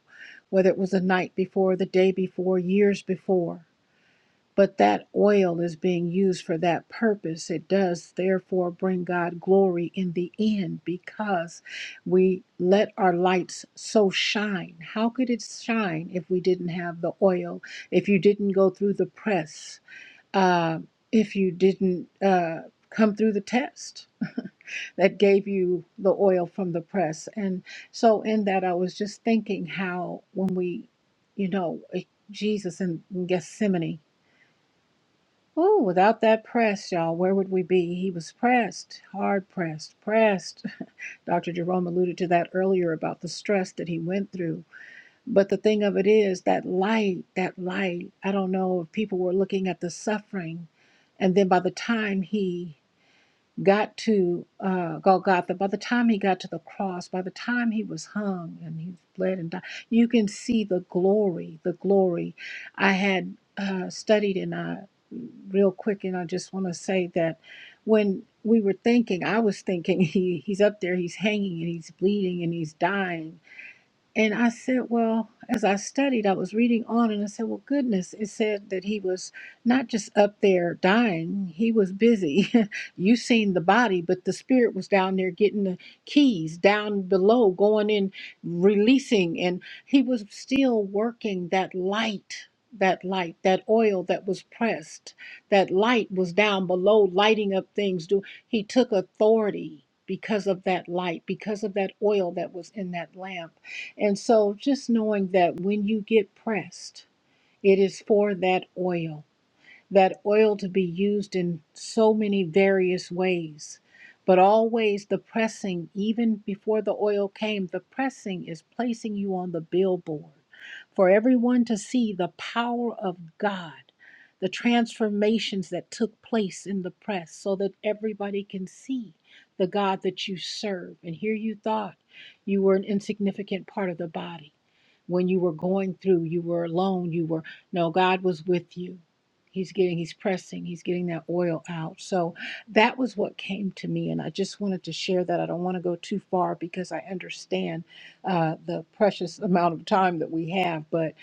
Speaker 11: whether it was the night before, the day before, years before but that oil is being used for that purpose. It does therefore bring God glory in the end because we let our lights so shine. How could it shine if we didn't have the oil, if you didn't go through the press, uh, if you didn't uh, come through the test? That gave you the oil from the press. And so, in that, I was just thinking how when we, you know, eh, Jesus in Gethsemane, Ooh, without that press, y'all, where would we be? He was pressed, hard pressed, pressed. Dr. Jerome alluded to that earlier about the stress that he went through. But the thing of it is that light, that light, I don't know if people were looking at the suffering. And then by the time he got to uh, Golgotha, by the time he got to the cross, by the time he was hung and he bled and died, you can see the glory, the glory. I had uh, studied and I, real quick, and I just want to say that when we were thinking, I was thinking he, he's up there, he's hanging and he's bleeding and he's dying and I said, well, as I studied, I was reading on and I said, well, goodness, it said that he was not just up there dying, he was busy. you seen the body, but the spirit was down there getting the keys down below, going in, releasing. And he was still working that light, that light, that oil that was pressed. That light was down below, lighting up things. Do He took authority because of that light, because of that oil that was in that lamp and so just knowing that when you get pressed, it is for that oil that oil to be used in so many various ways. But always the pressing, even before the oil came, the pressing is placing you on the billboard for everyone to see the power of God, the transformations that took place in the press, so that everybody can see the God that you serve. And here you thought you were an insignificant part of the body. When you were going through, you were alone, you were, no, God was with you. He's getting, he's pressing, he's getting that oil out. So that was what came to me. And I just wanted to share that. I don't want to go too far because I understand uh, the precious amount of time that we have. But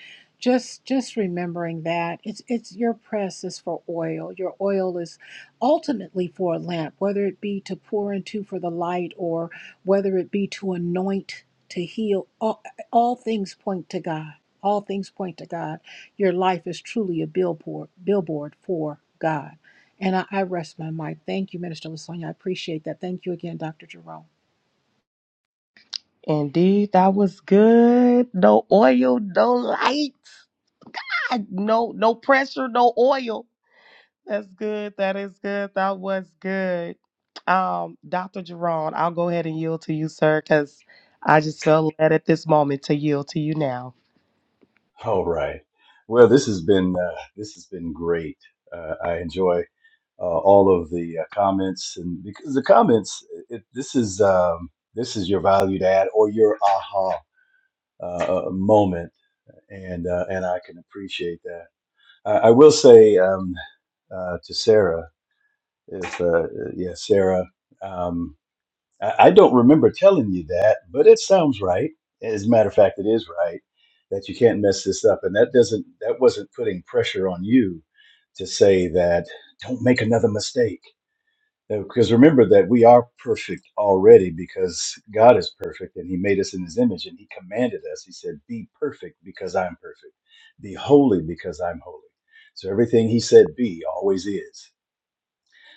Speaker 11: just just remembering that it's it's your press is for oil your oil is ultimately for a lamp whether it be to pour into for the light or whether it be to anoint to heal all, all things point to god all things point to god your life is truly a billboard, billboard for God. And I, I rest my mic. Thank you, Minister Lasonia. I appreciate that. Thank you again, Dr. Jerome.
Speaker 2: Indeed, that was good. No oil, no light, I- no no pressure, no oil. That's good. That is good. That was good. Um, Dr. Jerron, I'll go ahead and yield to you, sir, because I just felt led at this moment to yield to you now.
Speaker 3: All right. Well, this has been uh, this has been great. Uh, I enjoy uh, all of the uh, comments, and because the comments, it, this is um, this is your valued ad or your aha uh, moment and uh, and I can appreciate that. I, I will say um, uh, to Sarah, if uh, yeah, Sarah, um, I, I don't remember telling you that, but it sounds right. As a matter of fact, it is right that you can't mess this up, and that doesn't that wasn't putting pressure on you to say that don't make another mistake uh, Because remember that we are perfect already because God is perfect and He made us in His image and He commanded us. He said, Be perfect because I'm perfect. Be holy because I'm holy. So everything He said be always is.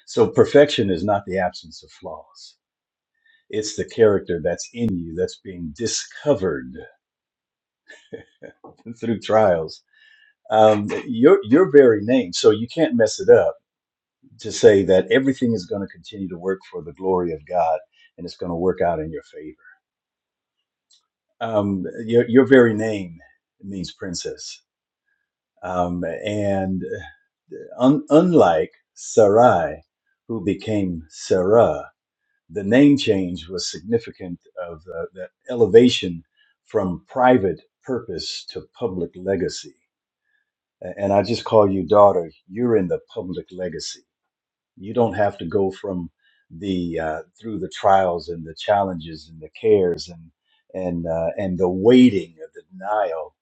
Speaker 3: So perfection is not the absence of flaws, it's the character that's in you that's being discovered through trials. Um, your, your very name. So you can't mess it up to say that everything is going to continue to work for the glory of God and it's going to work out in your favor um, your, your very name means princess. Um, and uh, un- unlike Sarai, who became Sarah, the name change was significant of uh, the elevation from private purpose to public legacy. A- And I just call you daughter, you're in the public legacy you don't have to go from the uh, through the trials and the challenges and the cares and and uh, and the waiting of the denial,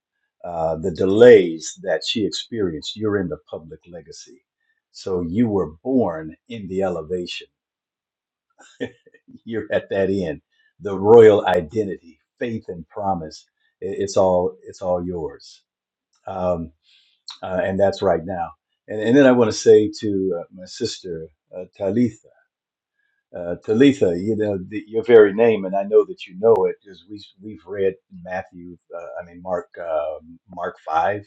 Speaker 3: uh, the delays that she experienced. You're in the public legacy, so you were born in the elevation. You're at that end, the royal identity, faith and promise. I- It's all it's all yours, um, uh, and that's right now. And, and then I want to say to uh, my sister uh, Talitha Uh, Talitha, you know the, your very name, and I know that you know it because we we've read Matthew, uh, I mean Mark, uh, Mark five,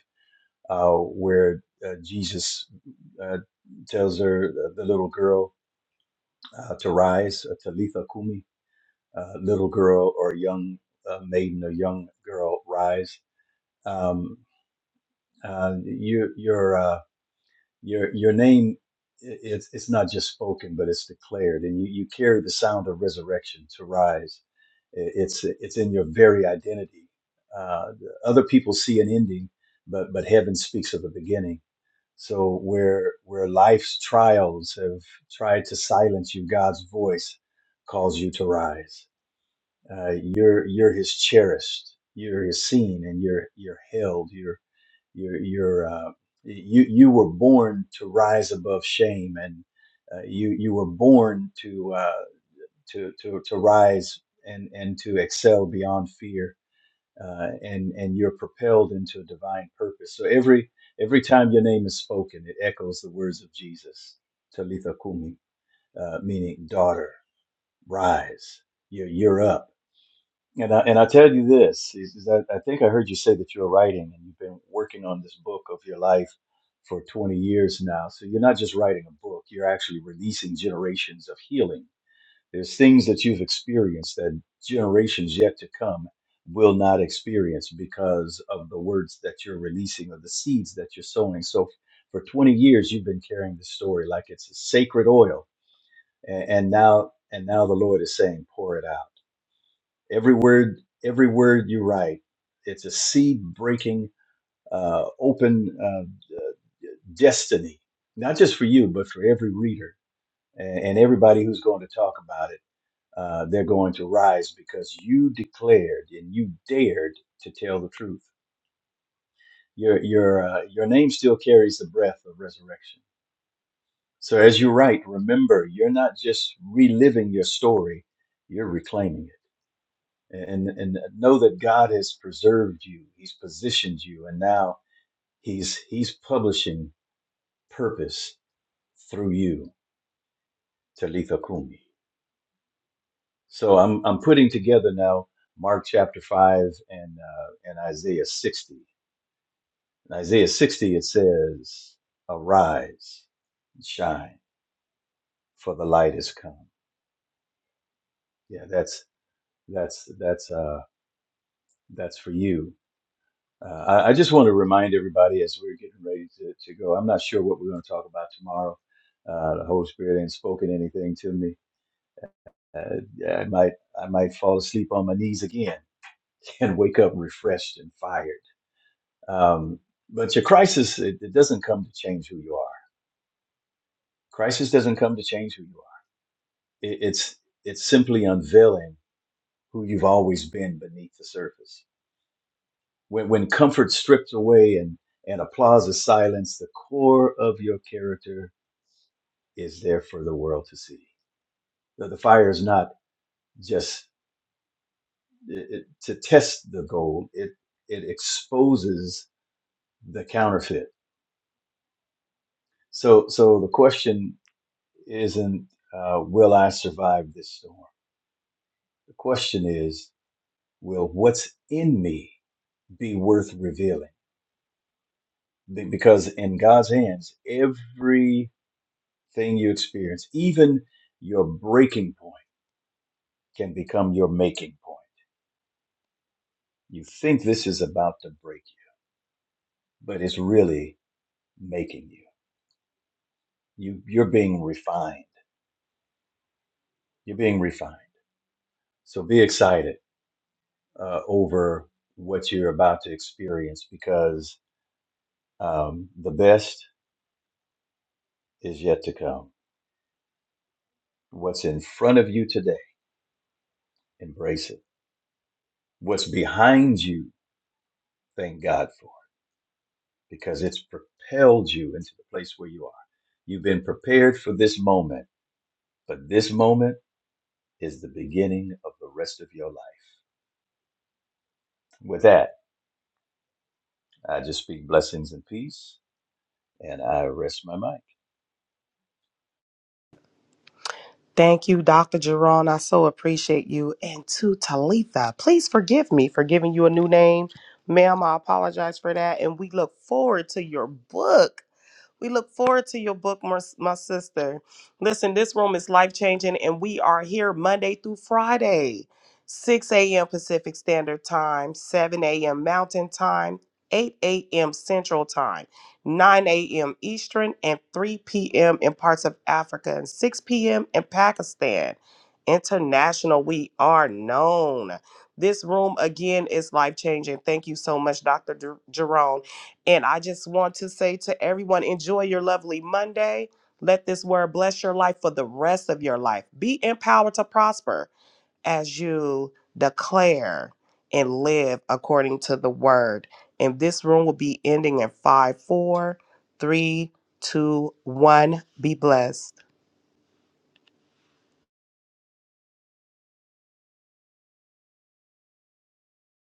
Speaker 3: uh, where uh, Jesus uh, tells her uh, the little girl uh, to rise, uh, Talitha Kumi, uh, little girl or young uh, maiden or young girl rise. Um, uh, you you're. uh, your your name it's it's not just spoken but it's declared and you you carry the sound of resurrection to rise it's it's in your very identity uh other people see an ending but but heaven speaks of a beginning so where where life's trials have tried to silence you god's voice calls you to rise uh, you're you're his cherished. You're his seen, and you're you're held. You're you're you're uh, you you were born to rise above shame, and uh, you you were born to uh, to to to rise and and to excel beyond fear, uh, and and you're propelled into a divine purpose. So every every time your name is spoken, it echoes the words of Jesus, Talitha Kumi, uh, meaning daughter, rise. You're you're up and I, and I tell you this is is that I think I heard you say that you're writing and you've been working on this book of your life for 20 years now. So you're not just writing a book, you're actually releasing generations of healing. There's things that you've experienced that generations yet to come will not experience because of the words that you're releasing or the seeds that you're sowing. So for 20 years you've been carrying this story like it's a sacred oil and, and now and now the Lord is saying pour it out every word every word you write it's a seed breaking uh, open uh, uh, destiny not just for you but for every reader and, and everybody who's going to talk about it uh, they're going to rise because you declared and you dared to tell the truth your your uh, your name still carries the breath of resurrection so as you write remember you're not just reliving your story you're reclaiming it and and know that God has preserved you. He's positioned you, and now He's He's publishing purpose through you, Talitha Kumi. So I'm I'm putting together now Mark chapter five and uh, and Isaiah sixty. In Isaiah sixty it says, "Arise, and shine, for the light is come." Yeah, that's that's that's uh that's for you Uh, I, I just want to remind everybody as we're getting ready to, to go, I'm not sure what we're going to talk about tomorrow. Uh, the Holy Spirit ain't spoken anything to me. Uh, yeah, I might I might fall asleep on my knees again and wake up refreshed and fired. Um, but your crisis it, it doesn't come to change who you are. Crisis doesn't come to change who you are. It, it's it's simply unveiling who you've always been beneath the surface. When when comfort stripped away and and applause is silenced, the core of your character is there for the world to see. The, the fire is not just it, it- to test the gold; it it exposes the counterfeit. So so the question isn't uh, will I survive this storm? The question is will what's in me be worth revealing? Be- Because in God's hands, everything you experience, even your breaking point, can become your making point. You think this is about to break you, but it's really making you. You you're being refined. You're being refined. So be excited uh, over what you're about to experience because um, the best is yet to come. What's in front of you today, embrace it. What's behind you, thank God for it because it's propelled you into the place where you are. You've been prepared for this moment, but this moment is the beginning of the rest of your life. With that, I just speak blessings and peace, and I rest my mind.
Speaker 2: Thank you, Dr. Jerron. I so appreciate you. And to Talitha, please forgive me for giving you a new name. Ma'am, I apologize for that. And we look forward to your book. We look forward to your book, my, my sister. Listen, this room is life changing, and we are here Monday through Friday, 6 a.m. Pacific Standard Time, 7 a.m. Mountain Time, 8 a.m. Central Time, 9 a.m. Eastern, and 3 p.m. in parts of Africa, and 6 p.m. in Pakistan. International, we are known. This room again is life changing. Thank you so much, Dr. Jer- Jerome. And I just want to say to everyone, enjoy your lovely Monday. Let this word bless your life for the rest of your life. Be empowered to prosper as you declare and live according to the word. And this room will be ending in five, four, three, two, one. Be blessed.